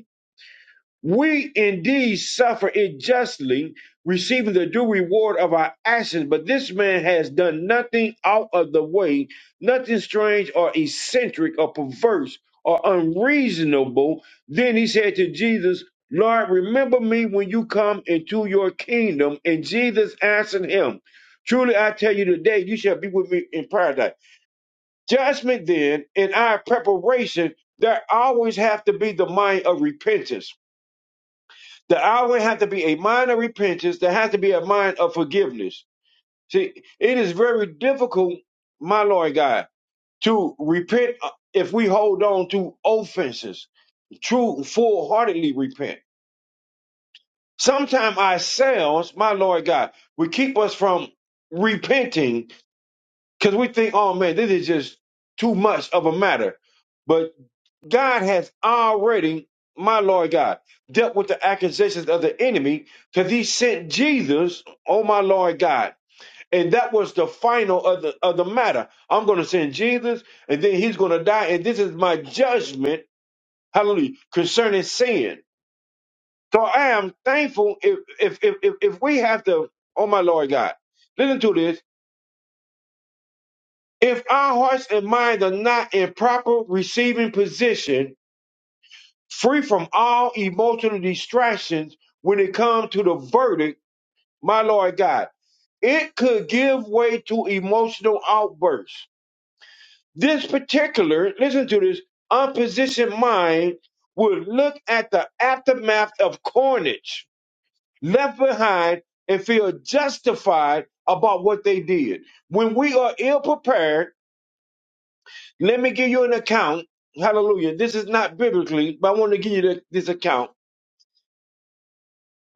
[SPEAKER 4] We indeed suffer it justly, receiving the due reward of our actions, but this man has done nothing out of the way, nothing strange or eccentric or perverse or unreasonable. Then he said to Jesus, Lord, remember me when you come into your kingdom. And Jesus answered him, Truly I tell you today, you shall be with me in paradise. Judgment then, in our preparation, there always have to be the mind of repentance the hour has to be a mind of repentance. There has to be a mind of forgiveness. See, it is very difficult, my Lord God, to repent uh, if we hold on to offenses, true, full heartedly repent. Sometimes ourselves, my Lord God, will keep us from repenting because we think, oh man, this is just too much of a matter. But. God has already, my Lord God, dealt with the accusations of the enemy because he sent Jesus, oh my Lord God. And that was the final of the of the matter. I'm gonna send Jesus, and then he's gonna die, and this is my judgment, hallelujah, concerning sin. So I am thankful if if if if, if we have to, oh my Lord God, listen to this. If our hearts and minds are not in proper receiving position, free from all emotional distractions when it comes to the verdict, my Lord God. It could give way to emotional outbursts. This particular, listen to this, unpositioned mind will look at the aftermath of carnage left behind and feel justified about what they did. When we are ill prepared, let me give you an account. Hallelujah. This is not biblically, but I want to give you the- this account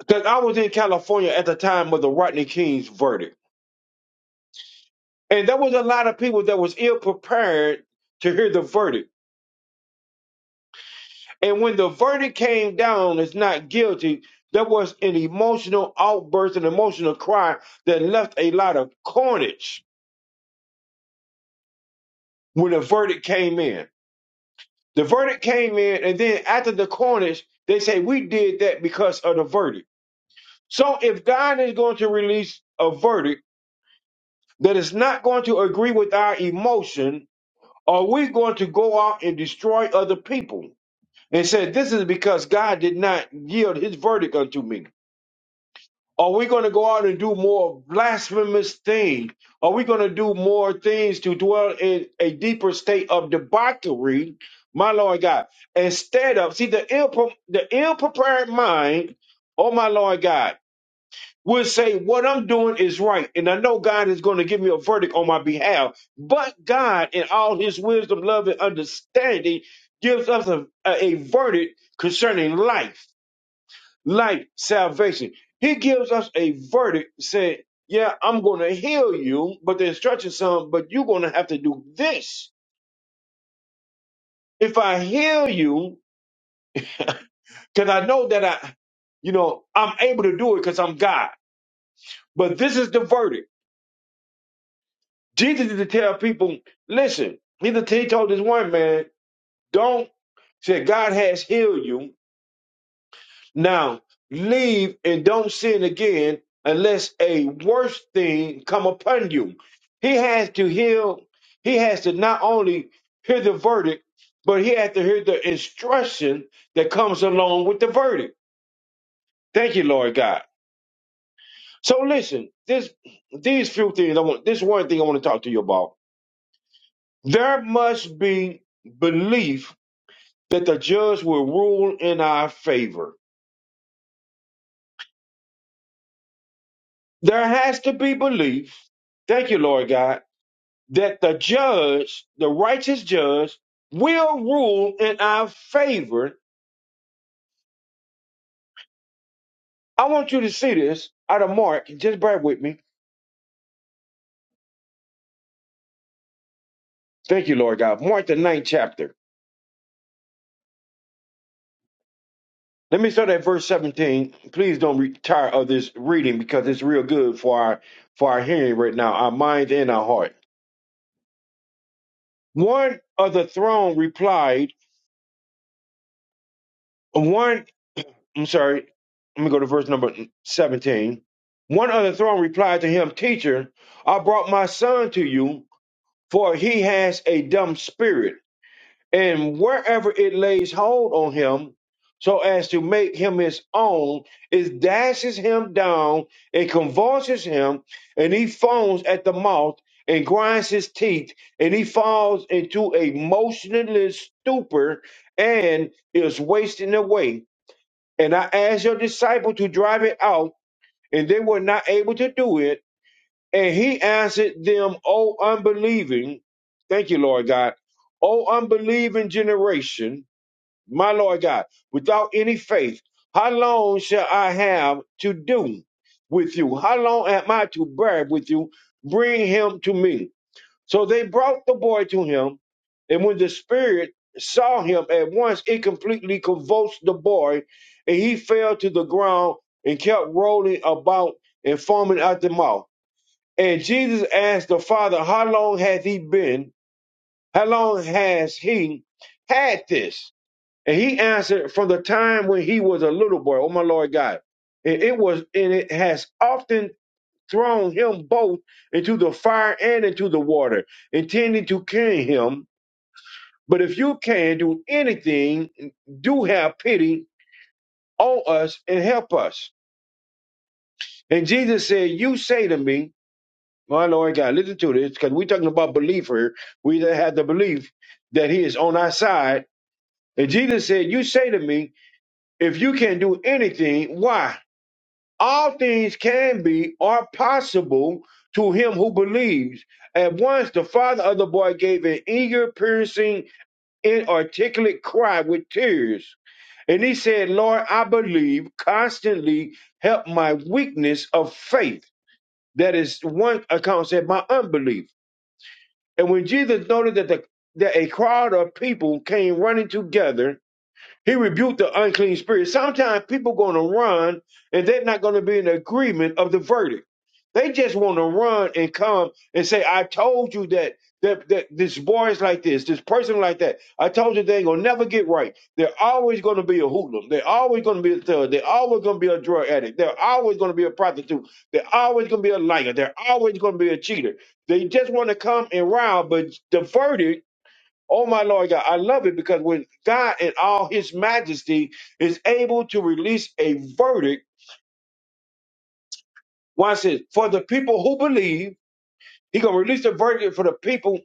[SPEAKER 4] Because I was in California at the time of the Rodney King's verdict. And there was a lot of people that was ill prepared to hear the verdict. And when the verdict came down as not guilty, there was an emotional outburst, an emotional cry that left a lot of carnage when the verdict came in. The verdict came in, and then after the carnage, they say, We did that because of the verdict. So if God is going to release a verdict that is not going to agree with our emotion, Are we going to go out and destroy other people and say, This is because God did not yield his verdict unto me? Are we going to go out and do more blasphemous things? Are we going to do more things to dwell in a deeper state of debauchery, my Lord God? Instead of, see, the ill, the ill prepared mind, oh my Lord God, will say, What I'm doing is right. And I know God is going to give me a verdict on my behalf. But God, in all his wisdom, love, and understanding, gives us a, a, a verdict concerning life, life, salvation. He gives us a verdict saying, Yeah, I'm going to heal you, but the instructions some, but you're going to have to do this. If I heal you, because I know that I, you know, I'm able to do it because I'm God. But this is the verdict. Jesus used to tell people, listen, he, used to- he told this one man, don't, said, God has healed you. Now leave and don't sin again unless a worse thing come upon you. He has to heal. He has to not only hear the verdict, but he has to hear the instruction that comes along with the verdict. Thank you, Lord God. So listen, this these few things I want this one thing I want to talk to you about. There must be belief that the judge will rule in our favor. There has to be belief, thank you, Lord God, that the judge, the righteous judge, will rule in our favor. I want you to see this out of Mark. Just bear with me. Thank you, Lord God. Mark, the ninth chapter. Let me start at verse 17. Please don't retire of this reading because it's real good for our for our hearing right now, our minds and our heart. One of the throne replied, One I'm sorry. Let me go to verse number 17. One of the throne replied to him, Teacher, I brought my son to you, for he has a dumb spirit, and wherever it lays hold on him, so as to make him his own, it dashes him down and convulses him, and he foams at the mouth and grinds his teeth, and he falls into a motionless stupor and is wasting away. And I asked your disciple to drive it out, and they were not able to do it. And he answered them, O unbelieving, thank you, Lord God, O unbelieving generation, my Lord God, without any faith, how long shall I have to do with you? How long am I to bear with you? Bring him to me. So they brought the boy to him, and when the spirit saw him at once, it completely convulsed the boy, and he fell to the ground and kept rolling about and foaming at the mouth. And Jesus asked the father, How long hath he been? How long has he had this? And he answered, From the time when he was a little boy, oh my Lord God. And it was, and it has often thrown him both into the fire and into the water, intending to kill him. But if you can do anything, do have pity on us and help us. And Jesus said, You say to me, my Lord God, listen to this, because we're talking about belief here. We that have the belief that he is on our side. And Jesus said, You say to me, if you can do anything, why? All things can be or possible to him who believes. At once the father of the boy gave an eager, piercing, inarticulate cry with tears. And he said, Lord, I believe, constantly help my weakness of faith. That is one account said, my unbelief. And when Jesus noted that the that a crowd of people came running together, he rebuked the unclean spirit. Sometimes people going to run and they're not going to be in agreement of the verdict. They just want to run and come and say, I told you that, that, that this boy is like this, this person like that. I told you they ain't going to never get right. They're always going to be a hoodlum. They're always going to be a thug. They're always going to be a drug addict. They're always going to be a prostitute. They're always going to be a liar. They're always going to be a cheater. They just want to come and rob, but the verdict Oh my Lord God, I love it because when God in all his majesty is able to release a verdict, watch this, for the people who believe, he gonna release the verdict for the people,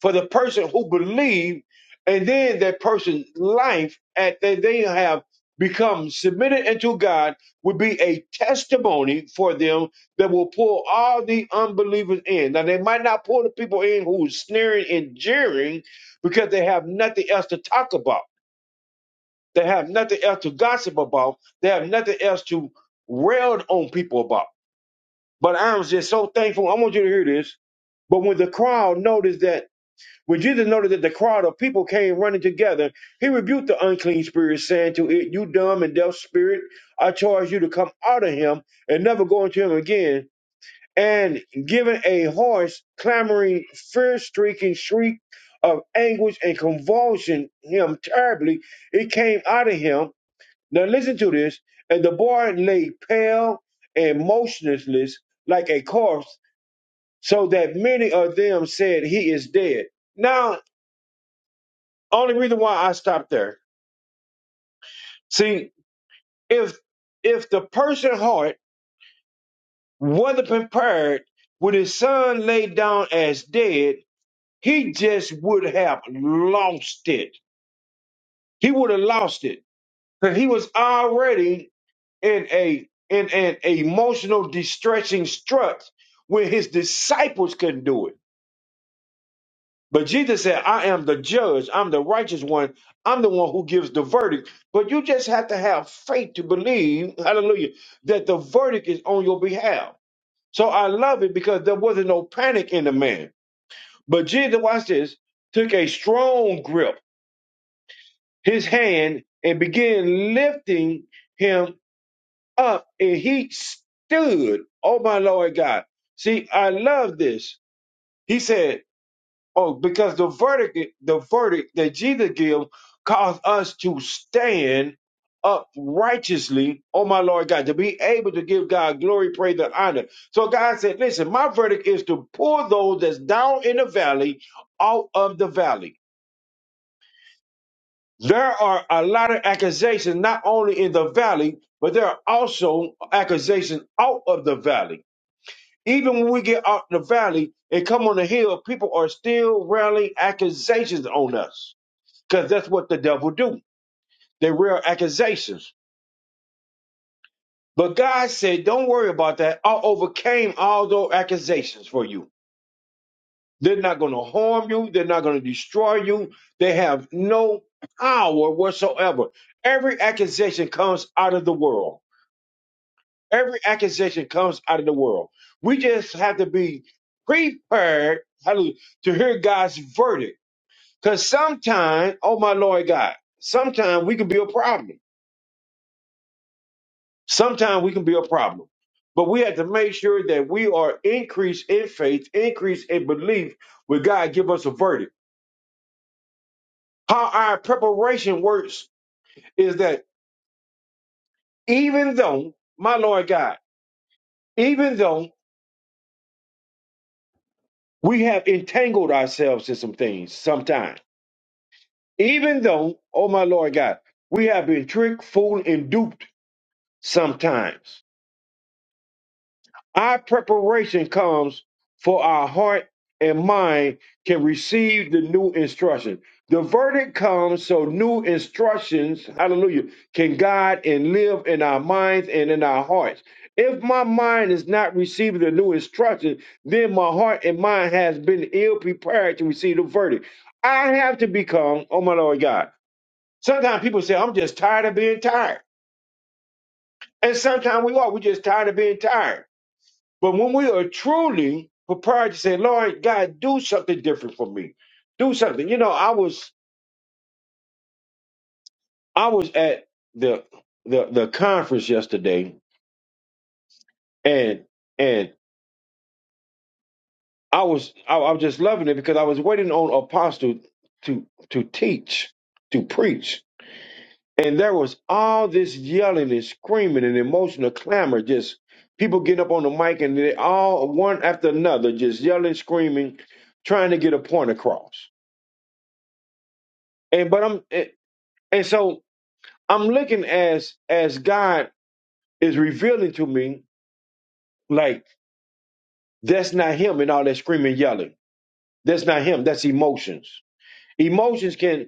[SPEAKER 4] for the person who believe, and then that person's life at that they have become submitted unto God would be a testimony for them that will pull all the unbelievers in. Now they might not pull the people in who are sneering and jeering because they have nothing else to talk about. They have nothing else to gossip about. They have nothing else to rail on people about. But I'm just so thankful. I want you to hear this. But when the crowd noticed that, when Jesus noticed that the crowd of people came running together, he rebuked the unclean spirit, saying to it, You dumb and deaf spirit, I charge you to come out of him and never go into him again. And giving a hoarse, clamoring, fear streaking shriek of anguish and convulsion him terribly, it came out of him now listen to this. And the boy lay pale and motionless like a corpse, so that many of them said he is dead. Now, only reason why I stopped there. See, if if the person heart wasn't prepared when his son lay down as dead, he just would have lost it. He would have lost it. Because he was already in a in an emotional distressing strut when his disciples couldn't do it. But Jesus said, I am the judge, I'm the righteous one, I'm the one who gives the verdict. But you just have to have faith to believe, hallelujah, that the verdict is on your behalf. So I love it because there wasn't no panic in the man. But Jesus, watch this, took a strong grip, his hand, and began lifting him up and he stood. Oh my Lord God. See, I love this. He said, Oh, because the verdict, the verdict that Jesus gives caused us to stand up righteously, oh my Lord God, to be able to give God glory, praise, and honor. So God said, Listen, my verdict is to pull those that's down in the valley out of the valley. There are a lot of accusations, not only in the valley, but there are also accusations out of the valley. Even when we get out in the valley and come on the hill, people are still railing accusations on us because that's what the devil do. They rail accusations. But God said, don't worry about that. I overcame all those accusations for you. They're not going to harm you. They're not going to destroy you. They have no power whatsoever. Every accusation comes out of the world. Every accusation comes out of the world. We just have to be prepared hallelujah, to hear God's verdict Because sometimes, oh my Lord God, sometimes we can be a problem. Sometimes we can be a problem. But we have to make sure that we are increased in faith, increased in belief when God give us a verdict. How our preparation works is that even though, my Lord God, even though we have entangled ourselves in some things sometimes, even though, oh my Lord God, we have been tricked, fooled, and duped sometimes Our preparation comes for our heart and mind can receive the new instruction. The verdict comes so new instructions, hallelujah, can guide and live in our minds and in our hearts. If my mind is not receiving the new instruction, then my heart and mind has been ill prepared to receive the verdict. I have to become, oh my Lord God. Sometimes people say, I'm just tired of being tired. And sometimes we are, we're just tired of being tired. But when we are truly prepared to say, Lord God, do something different for me. Do something. You know, I was I was at the the the conference yesterday and and I was I, I was just loving it because I was waiting on apostle to to teach, to preach. And there was all this yelling and screaming and emotional clamor, just people getting up on the mic and they all one after another, just yelling, screaming, trying to get a point across. And but I'm eh, And so I'm looking as as God is revealing to me, like that's not him and all that screaming, yelling. That's not him. That's emotions. Emotions can,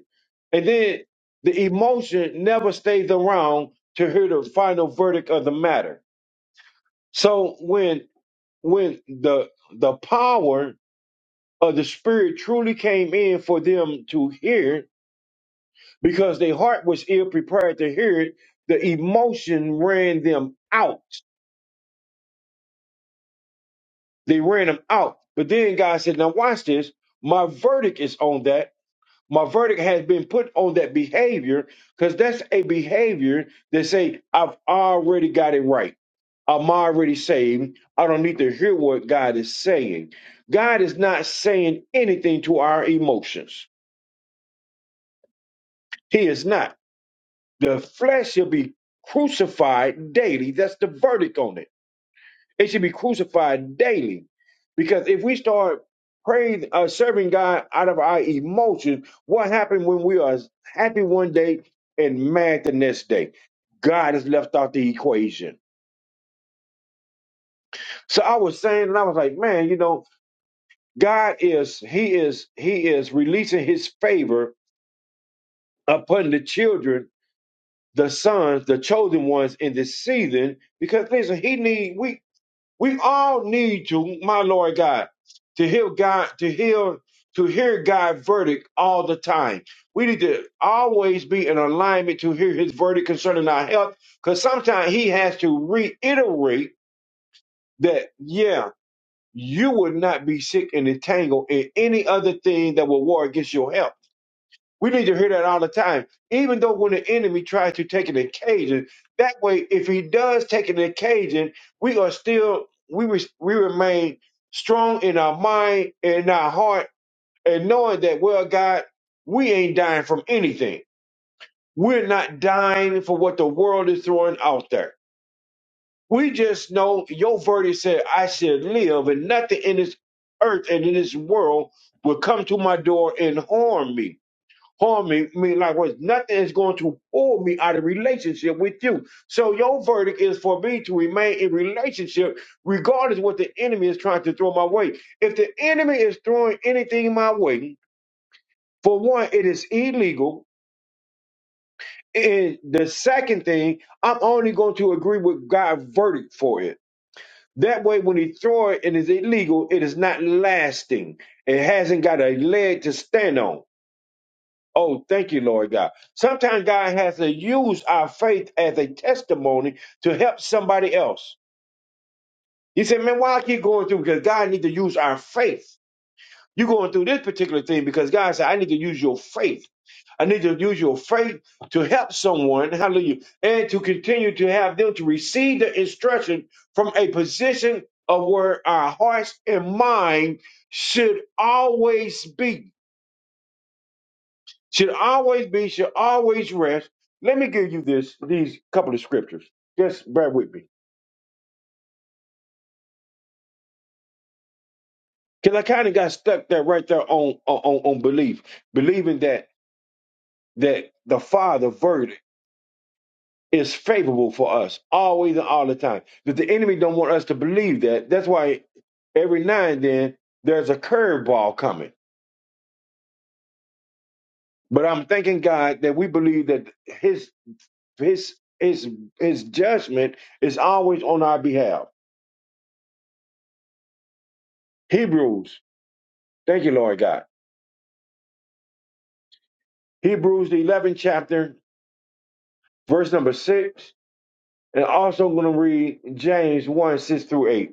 [SPEAKER 4] and then the emotion never stays around to hear the final verdict of the matter. So when when the the power of the spirit truly came in for them to hear, because their heart was ill prepared to hear it, the emotion ran them out They ran him out. But then God said, Now watch this. My verdict is on that. My verdict has been put on that behavior because that's a behavior that say, I've already got it right. I'm already saved. I don't need to hear what God is saying. God is not saying anything to our emotions. He is not. The flesh shall be crucified daily. That's the verdict on it. It should be crucified daily. Because if we start praying, uh, serving God out of our emotions, what happened when we are happy one day and mad the next day? God is left out the equation. So I was saying, and I was like, man, you know, God is, He is, He is releasing His favor upon the children, the sons, the chosen ones in this season, because listen, He need we We all need you, my Lord God, to hear God, to hear, to hear God's verdict all the time. We need to always be in alignment to hear his verdict concerning our health, because sometimes he has to reiterate that, yeah, you would not be sick and entangled in any other thing that will war against your health. We need to hear that all the time. Even though when the enemy tries to take an occasion, that way, if he does take an occasion, we are still we re- we remain strong in our mind and in our heart, and knowing that well, God, we ain't dying from anything. We're not dying for what the world is throwing out there. We just know your verdict said I should live, and nothing in this earth and in this world will come to my door and harm me harm me, me likewise. Nothing is going to pull me out of relationship with you. So your verdict is for me to remain in relationship, regardless what the enemy is trying to throw my way. If the enemy is throwing anything my way, for one, it is illegal. And the second thing, I'm only going to agree with God's verdict for it. That way, when he throw it and it's illegal, it is not lasting. It hasn't got a leg to stand on. Oh, thank you, Lord God. Sometimes God has to use our faith as a testimony to help somebody else. He said, Man, why I keep going through? Because God needs to use our faith. You're going through this particular thing because God said, I need to use your faith. I need to use your faith to help someone, hallelujah, and to continue to have them to receive the instruction from a position of where our hearts and mind should always be Should always be, should always rest. Let me give you this, these couple of scriptures. Just bear with me. Because I kind of got stuck there right there on, on, on belief, believing that that the Father verdict is favorable for us always and all the time. That the enemy don't want us to believe that. That's why every now and then there's a curveball coming. But I'm thanking God that we believe that his his his his judgment is always on our behalf. Hebrews Thank you, Lord God. Hebrews, the 11th chapter, verse number 6, and also going to read James 1 6 through 8.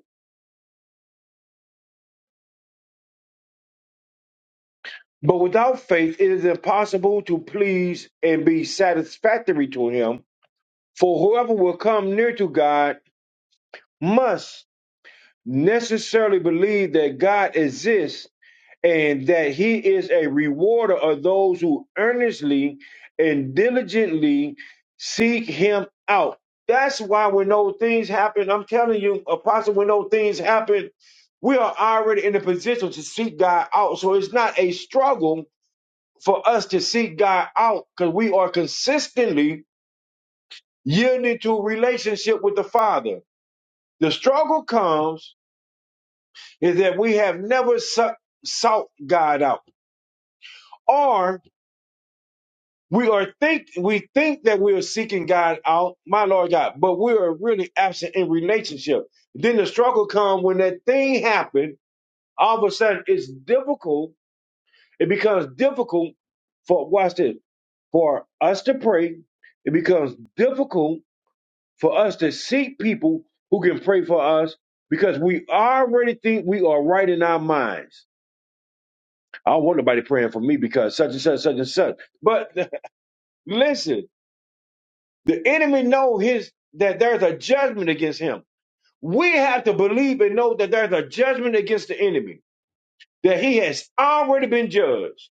[SPEAKER 4] But without faith, it is impossible to please and be satisfactory to Him, for whoever will come near to God must necessarily believe that God exists and that he is a rewarder of those who earnestly and diligently seek him out. That's why when those things happen, I'm telling you, Apostle, when those things happen, we are already in a position to seek God out. So it's not a struggle for us to seek God out because we are consistently yielding to a relationship with the Father. The struggle comes is that we have never sou- sought God out or We are think we think that we are seeking God out, my Lord God, but we are really absent in relationship. Then the struggle comes when that thing happens. All of a sudden, it's difficult. It becomes difficult for watch this for us to pray. It becomes difficult for us to seek people who can pray for us because we already think we are right in our minds. I don't want nobody praying for me because such and such, such and such. But listen. The enemy know his that there's a judgment against him. We have to believe and know that there's a judgment against the enemy, that he has already been judged.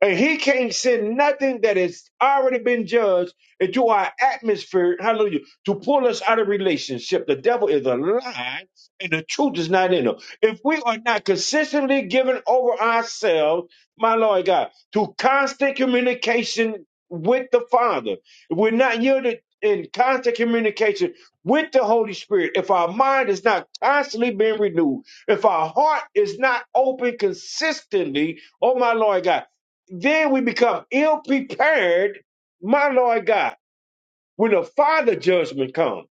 [SPEAKER 4] And he can't send nothing that has already been judged into our atmosphere, hallelujah, to pull us out of relationship. The devil is a lie and the truth is not in him. If we are not consistently giving over ourselves, my Lord God, to constant communication with the Father, if we're not yielded in constant communication with the Holy Spirit, if our mind is not constantly being renewed, if our heart is not open consistently, oh my Lord God, then we become ill prepared, my Lord God, when the Father judgment comes.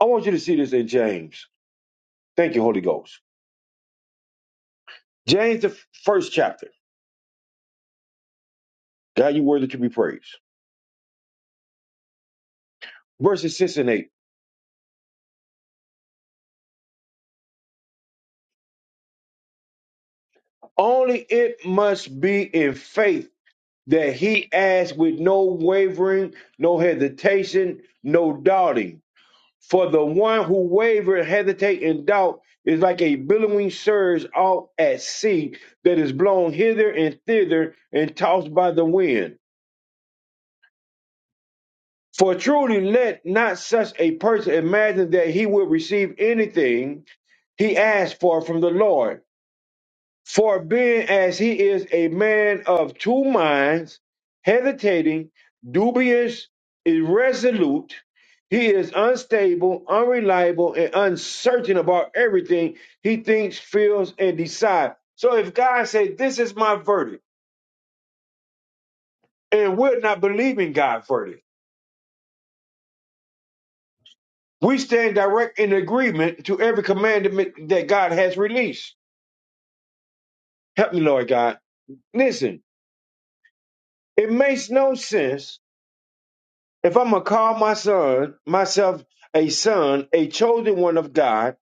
[SPEAKER 4] I want you to see this in James. Thank you, Holy Ghost. James, the f- first chapter. God, you worthy to be praised. Verses 6 and 8. Only it must be in faith that he asks with no wavering, no hesitation, no doubting. For the one who waver, hesitate, and doubt is like a billowing surge out at sea that is blown hither and thither and tossed by the wind. For truly let not such a person imagine that he will receive anything he asks for from the Lord. For being as he is a man of two minds, hesitating, dubious, irresolute, he is unstable, unreliable, and uncertain about everything he thinks, feels, and decides. So if God says, This is my verdict, and we're not believing God's verdict, we stand direct in agreement to every commandment that God has released. Help me, Lord God. Listen, it makes no sense If I'm gonna call my son myself a son, a chosen one of God,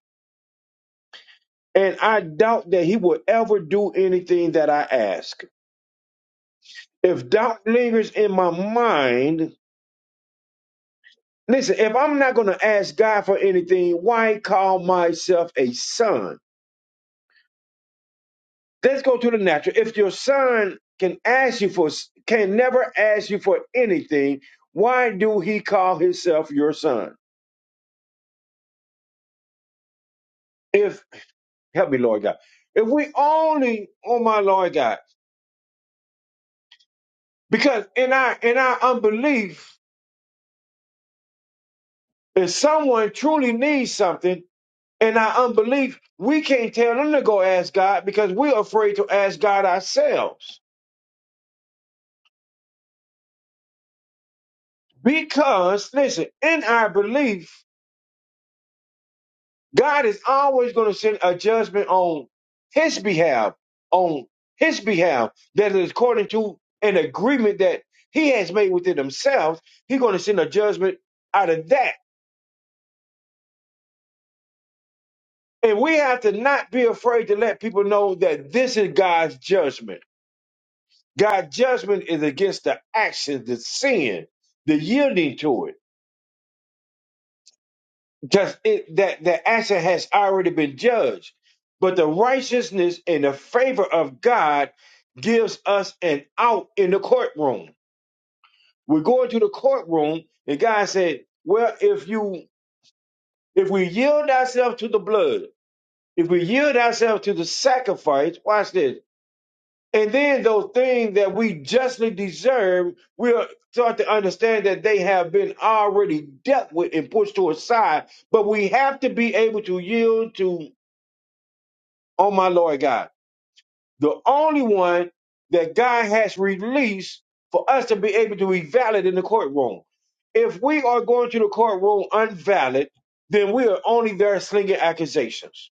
[SPEAKER 4] and I doubt that he will ever do anything that I ask. If doubt lingers in my mind, listen, if I'm not gonna ask God for anything, why call myself a son? Let's go to the natural. If your son can ask you for can never ask you for anything, why do he call himself your son? If help me, Lord God. If we only, oh my Lord God Because in our in our unbelief, if someone truly needs something, in our unbelief, we can't tell them to go ask God because we're afraid to ask God ourselves. Because listen, in our belief, God is always going to send a judgment on His behalf, on His behalf that is according to an agreement that He has made within Himself. He's going to send a judgment out of that. And we have to not be afraid to let people know that this is God's judgment. God's judgment is against the action, the sin, the yielding to it. Just it that the action has already been judged. But the righteousness and the favor of God gives us an out in the courtroom. We're going to the courtroom, and God said, Well, if you if we yield ourselves to the blood, if we yield ourselves to the sacrifice, watch this And then those things that we justly deserve, we'll start to understand that they have been already dealt with and pushed to a side. But we have to be able to yield to, oh my Lord God, the only one that God has released for us to be able to be valid in the courtroom. If we are going to the courtroom unvalid, then we are only there slinging accusations.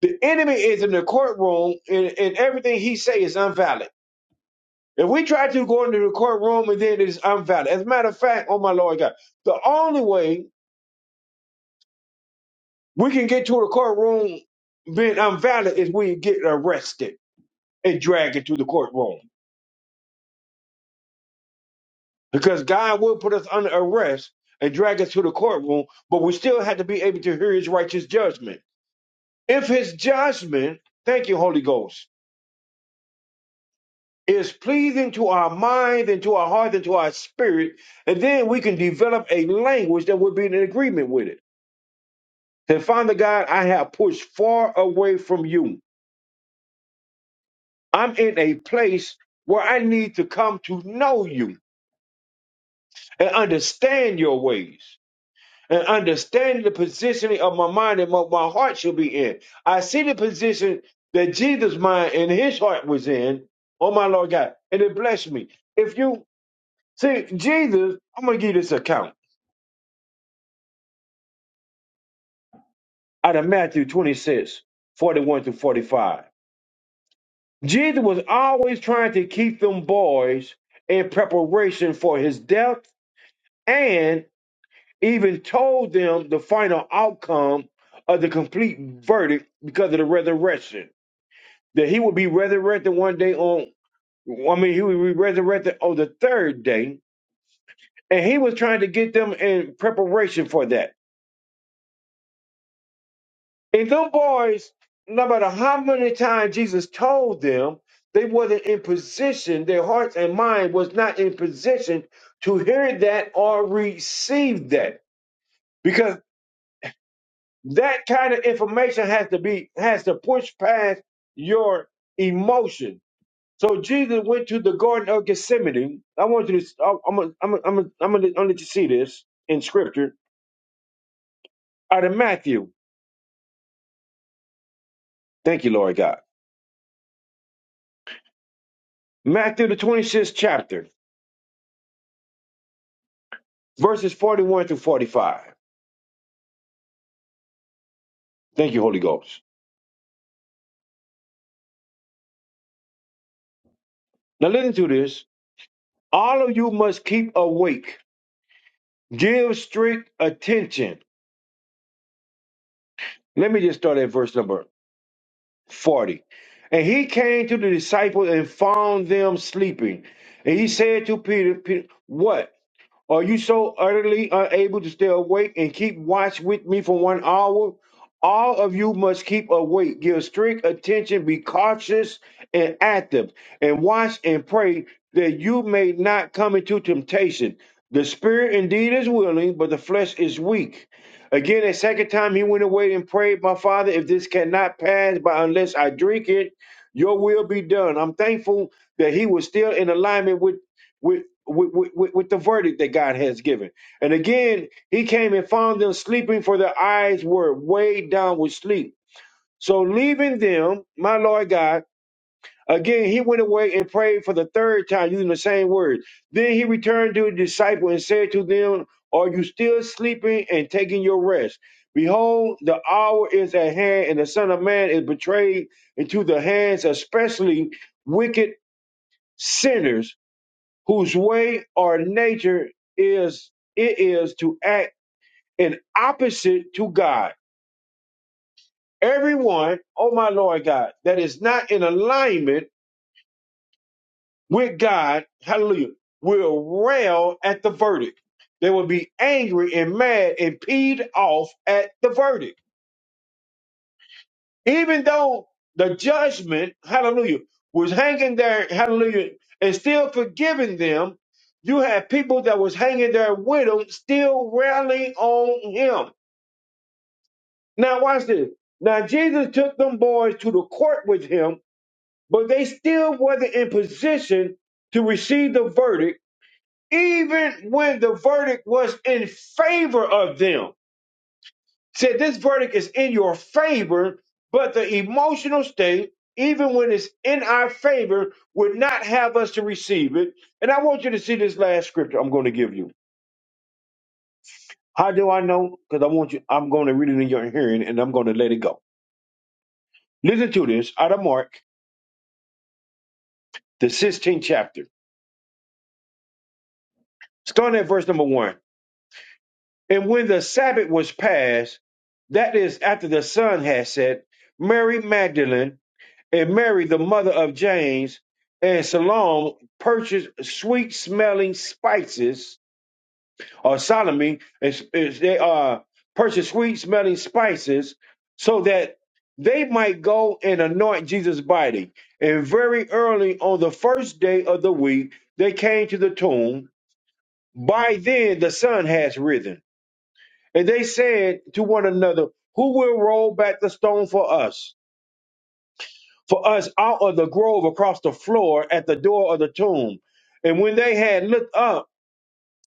[SPEAKER 4] The enemy is in the courtroom and, and everything he say is unvalid If we try to go into the courtroom and then it's unvalid. As a matter of fact, oh my Lord God, the only way we can get to the courtroom being unvalid is we get arrested and dragged into the courtroom. Because God will put us under arrest and drag us to the courtroom, but we still have to be able to hear his righteous judgment. If his judgment, thank you, Holy Ghost, is pleasing to our mind and to our heart and to our spirit, and then we can develop a language that would be in agreement with it. Then, Father God, I have pushed far away from you. I'm in a place where I need to come to know you and understand your ways and understand the positioning of my mind and what my heart should be in. I see the position that Jesus' mind and his heart was in. Oh, my Lord God. And it blessed me. If you see Jesus, I'm going to give you this account out of Matthew twenty six, forty one 41 to 45. Jesus was always trying to keep them boys in preparation for his death and even told them the final outcome of the complete verdict because of the resurrection. That he would be resurrected one day on, I mean, he would be resurrected on the third day. And he was trying to get them in preparation for that. And them boys, no matter how many times Jesus told them, they wasn't in position, their hearts and mind was not in position to hear that or receive that. Because that kind of information has to be has to push past your emotion. So Jesus went to the Garden of Gethsemane. I want you to I'm gonna I'm gonna I'm gonna I'm gonna I'm gonna let you see this in scripture out of Matthew. Thank you, Lord God. Matthew the 26th chapter. verses 41 through 45. Thank you, Holy Ghost. Now listen to this. All of you must keep awake. Give strict attention. Let me just start at verse number 40. And he came to the disciples and found them sleeping. And he said to Peter, Peter, What? Are you so utterly unable to stay awake and keep watch with me for one hour? All of you must keep awake, give strict attention, be cautious and active, and watch and pray that you may not come into temptation. The spirit indeed is willing, but the flesh is weak. Again, a second time he went away and prayed, My father, if this cannot pass, but unless I drink it, your will be done. I'm thankful that he was still in alignment with. with with, with, with the verdict that God has given. And again, he came and found them sleeping, for their eyes were weighed down with sleep. So, leaving them, my Lord God, again, he went away and prayed for the third time using the same words. Then he returned to the disciple and said to them, Are you still sleeping and taking your rest? Behold, the hour is at hand, and the Son of Man is betrayed into the hands, especially wicked sinners whose way or nature is it is to act in opposite to God. Everyone, oh my Lord God, that is not in alignment with God, hallelujah, will rail at the verdict. They will be angry and mad and peeved off at the verdict. Even though the judgment, hallelujah, was hanging there, hallelujah, and still forgiving them, you had people that was hanging there with him still rallying on him. Now watch this. Now Jesus took them boys to the court with him, but they still wasn't in position to receive the verdict, even when the verdict was in favor of them. said this verdict is in your favor, but the emotional state, even when it's in our favor, would not have us to receive it. And I want you to see this last scripture I'm going to give you. How do I know? Because I want you, I'm going to read it in your hearing and I'm going to let it go. Listen to this out of Mark, the 16th chapter, starting at verse number one. And when the Sabbath was passed, that is after the sun had set, Mary Magdalene and Mary, the mother of James, and Salome purchased sweet smelling spices, or Salome, is, is they uh, purchased sweet smelling spices so that they might go and anoint Jesus' body. And very early on the first day of the week, they came to the tomb. By then, the sun has risen. And they said to one another, Who will roll back the stone for us? for us out of the grove across the floor at the door of the tomb. And when they had looked up,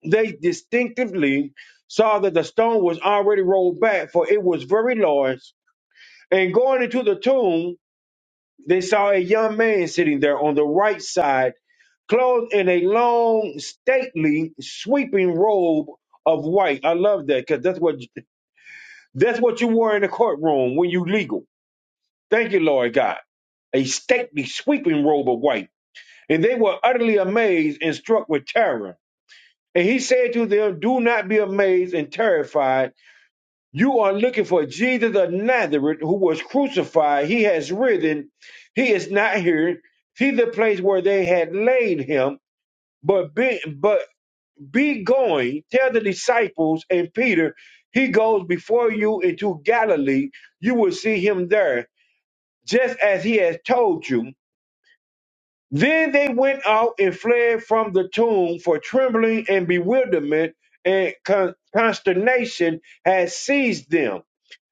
[SPEAKER 4] they distinctively saw that the stone was already rolled back, for it was very large. And going into the tomb, they saw a young man sitting there on the right side, clothed in a long, stately, sweeping robe of white. I love that because that's what that's what you wore in the courtroom when you legal. Thank you, Lord God. A stately, sweeping robe of white And they were utterly amazed and struck with terror. And he said to them, Do not be amazed and terrified. You are looking for Jesus of Nazareth who was crucified. He has risen. He is not here. See the place where they had laid him. But be, but be going, tell the disciples and Peter, he goes before you into Galilee. You will see him there, just as he has told you. Then they went out and fled from the tomb, for trembling and bewilderment and con- consternation had seized them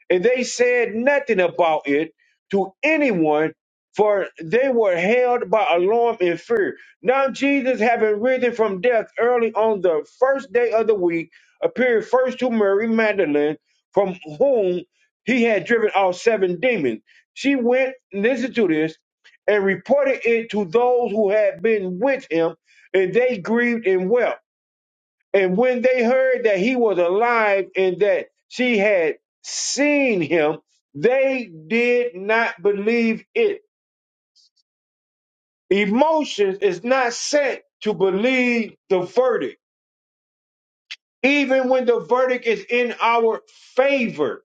[SPEAKER 4] and they said nothing about it to anyone, for they were held by alarm and fear. Now, Jesus, having risen from death early on the first day of the week, appeared first to Mary Magdalene, from whom he had driven out seven demons. She went, listen to this, and reported it to those who had been with him, and they grieved and wept. And when they heard that he was alive and that she had seen him, they did not believe it. Emotions is not set to believe the verdict, even when the verdict is in our favor.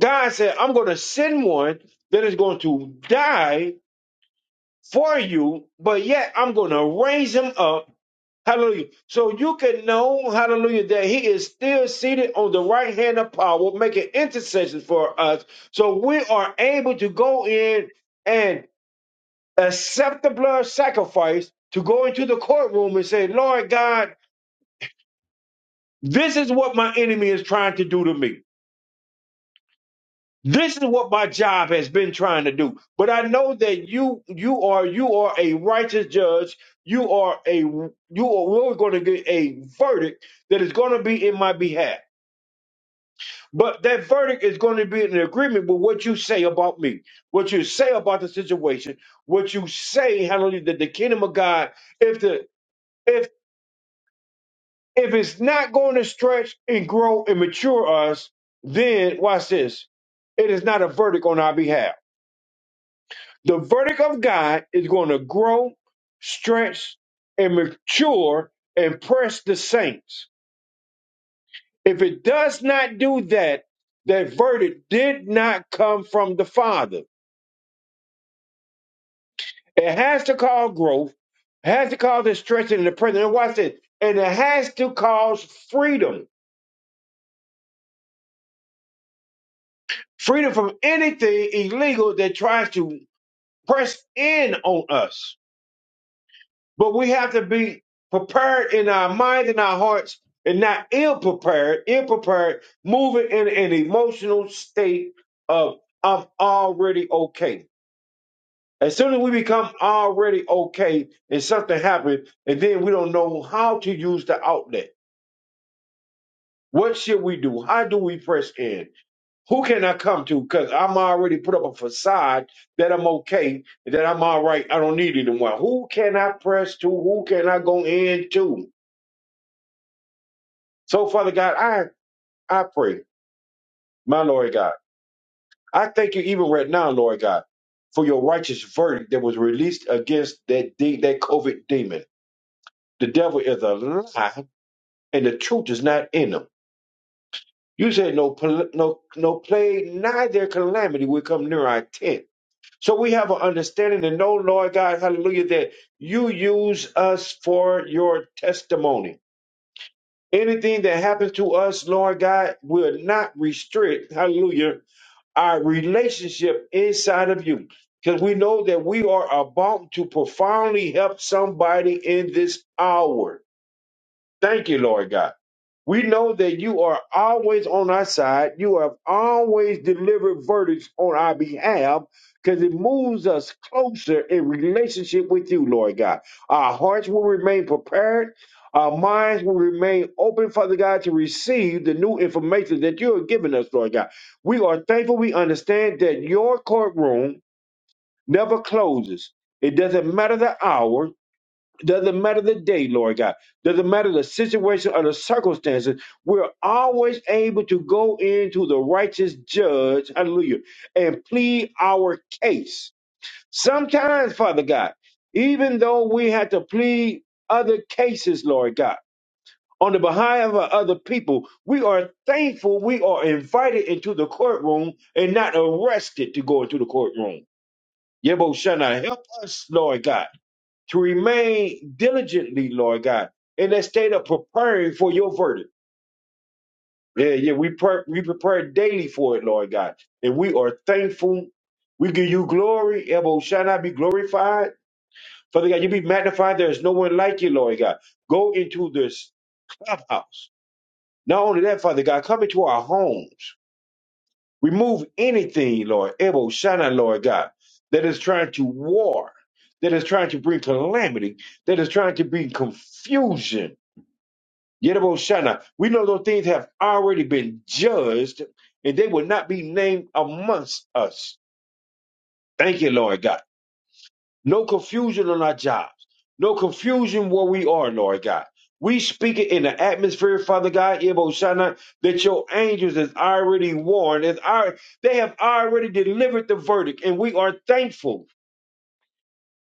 [SPEAKER 4] God said, I'm going to send one that is going to die for you, but yet I'm going to raise him up Hallelujah. So you can know, hallelujah, that he is still seated on the right hand of power, making intercession for us. So we are able to go in and accept the blood sacrifice to go into the courtroom and say, Lord God, this is what my enemy is trying to do to me. This is what my job has been trying to do. But I know that you you are you are a righteous judge. You are a you are we're going to get a verdict that is going to be in my behalf. But that verdict is going to be in agreement with what you say about me, what you say about the situation, what you say, hallelujah, that the kingdom of God, if the if if it's not going to stretch and grow and mature us, then watch this. It is not a verdict on our behalf. The verdict of God is going to grow, stretch, and mature and press the saints. If it does not do that, that verdict did not come from the Father It has to cause growth, has to cause the stretching in the present. And watch this. And it has to cause freedom. Freedom from anything illegal that tries to press in on us. But we have to be prepared in our minds and our hearts and not ill prepared, ill prepared, moving in an emotional state of I'm already okay. As soon as we become already okay and something happens, and then we don't know how to use the outlet What should we do? How do we press in? Who can I come to? Because I'm already put up a facade that I'm okay, that I'm all right. I don't need anyone. Who can I press to? Who can I go in to? So, Father God, I, I pray, my Lord God, I thank you even right now, Lord God, for your righteous verdict that was released against that de- that COVID demon. The devil is a lie, and the truth is not in him. You said no, pl- no, no plague, neither calamity will come near our tent. So we have an understanding to know, Lord God, hallelujah, that you use us for your testimony. Anything that happens to us, Lord God, will not restrict, hallelujah, our relationship inside of you. Because we know that we are about to profoundly help somebody in this hour. Thank you, Lord God. We know that you are always on our side. You have always delivered verdicts on our behalf because it moves us closer in relationship with you, Lord God. Our hearts will remain prepared. Our minds will remain open, Father God, to receive the new information that you are giving us, Lord God. We are thankful. We understand that your courtroom never closes. It doesn't matter the hour. Doesn't matter the day, Lord God. Doesn't matter the situation or the circumstances. We're always able to go into the righteous judge, hallelujah, and plead our case. Sometimes, Father God, even though we had to plead other cases, Lord God, on the behalf of other people, we are thankful we are invited into the courtroom and not arrested to go into the courtroom. Yebo Shana, help us, Lord God to remain diligently, Lord God, in that state of preparing for your verdict. Yeah, yeah, we pre- we prepare daily for it, Lord God, and we are thankful. We give you glory. Elbow shall not be glorified. Father God, you be magnified. There is no one like you, Lord God. Go into this clubhouse. Not only that, Father God, come into our homes. Remove anything, Lord, Ebo Shana, Lord God, that is trying to war, that is trying to bring calamity, that is trying to bring confusion Shana. We know those things have already been judged and they will not be named amongst us. Thank you, Lord God. No confusion on our jobs. No confusion where we are, Lord God. We speak it in the atmosphere, Father God, Shana, that your angels is already warned. Is al- they have already delivered the verdict, and we are thankful.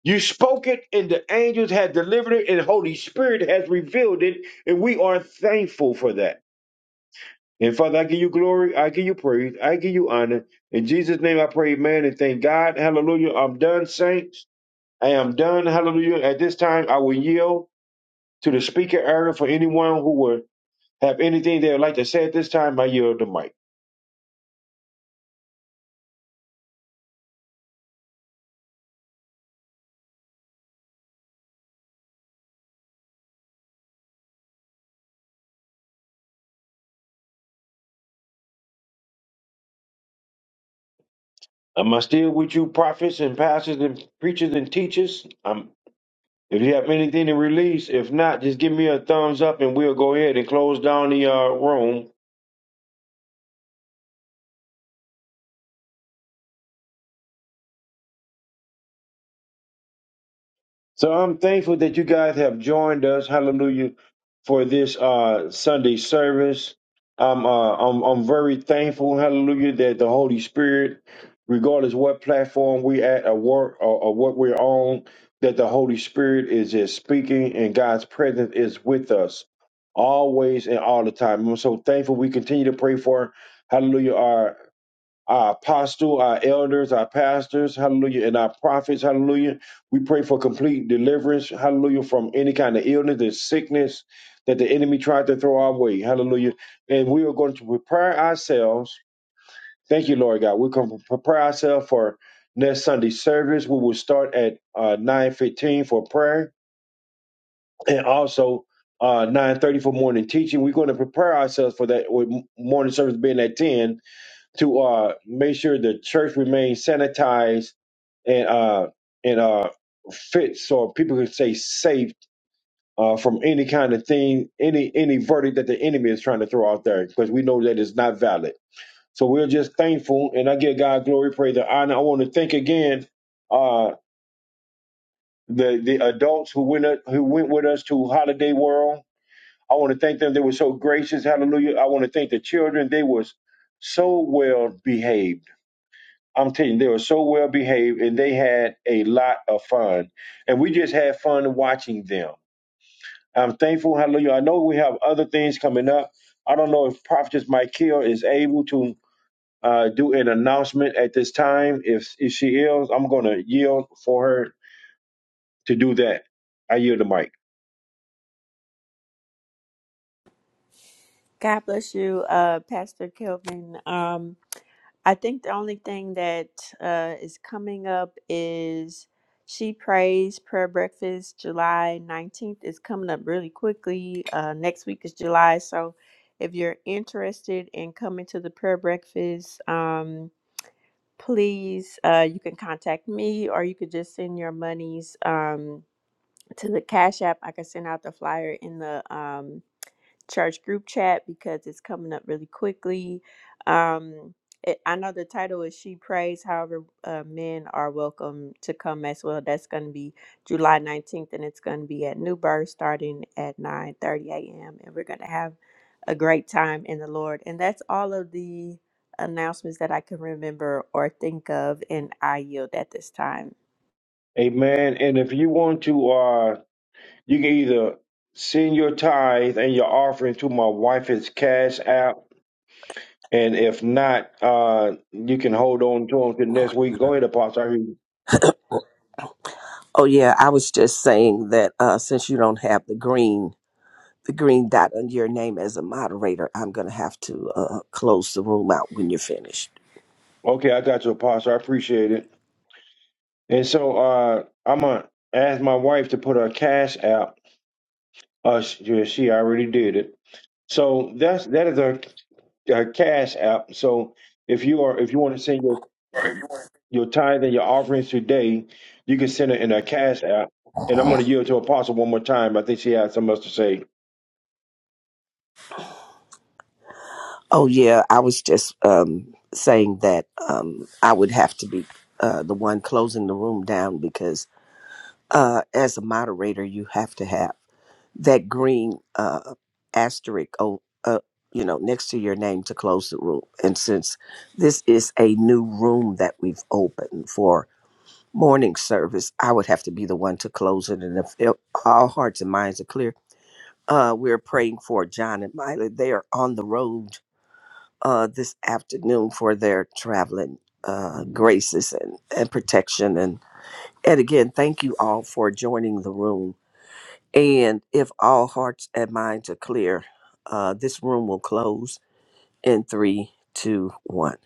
[SPEAKER 4] You spoke it, and the angels had delivered it, and Holy Spirit has revealed it, and we are thankful for that. And Father, I give you glory, I give you praise, I give you honor. In Jesus' name I pray, man, and thank God. Hallelujah. I'm done, saints. I am done. Hallelujah. At this time, I will yield to the speaker area for anyone who would have anything they would like to say at this time. I yield the mic. Am I still with you, prophets and pastors and preachers and teachers? Um, if you have anything to release, if not, just give me a thumbs up and we'll go ahead and close down the uh, room So I'm thankful that you guys have joined us. Hallelujah for this uh, Sunday service. I'm, uh, I'm I'm very thankful. Hallelujah that the Holy Spirit, regardless what platform we at or work or, or what we're on, that the Holy Spirit is is speaking and God's presence is with us always and all the time. I'm so thankful we continue to pray for. Hallelujah! our apostle, our elders, our pastors, hallelujah, and our prophets, hallelujah. We pray for complete deliverance, hallelujah, from any kind of illness and sickness that the enemy tried to throw our way, hallelujah. And we are going to prepare ourselves. Thank you, Lord God. We're going to prepare ourselves for next Sunday service. We will start at uh, 9.15 for prayer and also uh, 9.30 for morning teaching. We're going to prepare ourselves for that with morning service being at 10 to uh, make sure the church remains sanitized and uh, and uh, fit so people can stay safe uh, from any kind of thing, any any verdict that the enemy is trying to throw out there, because we know that it's not valid. So we're just thankful, and I give God glory, praise, and honor. I want to thank again uh, the the adults who went up, who went with us to Holiday World. I want to thank them; they were so gracious. Hallelujah! I want to thank the children; they was so well behaved I'm telling you, they were so well behaved and they had a lot of fun. And we just had fun watching them. I'm thankful, hallelujah. I know we have other things coming up. I don't know if Prophetess Michael is able to uh, do an announcement at this time. If, if she is, I'm going to yield for her to do that. I yield the mic.
[SPEAKER 5] God bless you, uh, Pastor Kelvin. Um, I think the only thing that uh, is coming up is She Prays Prayer Breakfast, July 19th. is coming up really quickly. Uh, next week is July. So if you're interested in coming to the prayer breakfast, um, please, uh, you can contact me or you could just send your monies um, to the Cash App. I can send out the flyer in the. Um, church group chat because it's coming up really quickly. Um, it, I know the title is She Prays, however, uh, men are welcome to come as well. That's going to be July 19th and it's going to be at New Birth starting at 9 30 a.m. And we're going to have a great time in the Lord. And that's all of the announcements that I can remember or think of. And I yield at this time.
[SPEAKER 4] Amen. And if you want to, uh, you can either send your tithe and your offering to my wife's cash app And if not, uh, you can hold on to them till next week. Go ahead, Apostle. I hear you.
[SPEAKER 1] Oh yeah, I was just saying that uh, since you don't have the green the green dot on your name as a moderator, I'm gonna have to uh, close the room out when you're finished.
[SPEAKER 4] Okay, I got you, Apostle. I appreciate it. And so uh, I'm going to ask my wife to put her cash app. Uh, she, yeah, she already did it. So that's that is a, a cash app. So if you are if you want to send your your tithe and your offerings today, you can send it in a cash app. And I'm going to yield to Apostle one more time. I think she has something else to say.
[SPEAKER 1] Oh yeah, I was just um, saying that um, I would have to be uh, the one closing the room down because uh, as a moderator, you have to have that green uh, asterisk oh, uh, you know next to your name to close the room. And since this is a new room that we've opened for morning service. I would have to be the one to close it. And if it, all hearts and minds are clear, uh, we're praying for John and Miley. They are on the road uh, this afternoon for their traveling uh, graces and, and protection. And, and again, thank you all for joining the room. And if all hearts and minds are clear, uh, this room will close in three, two, one.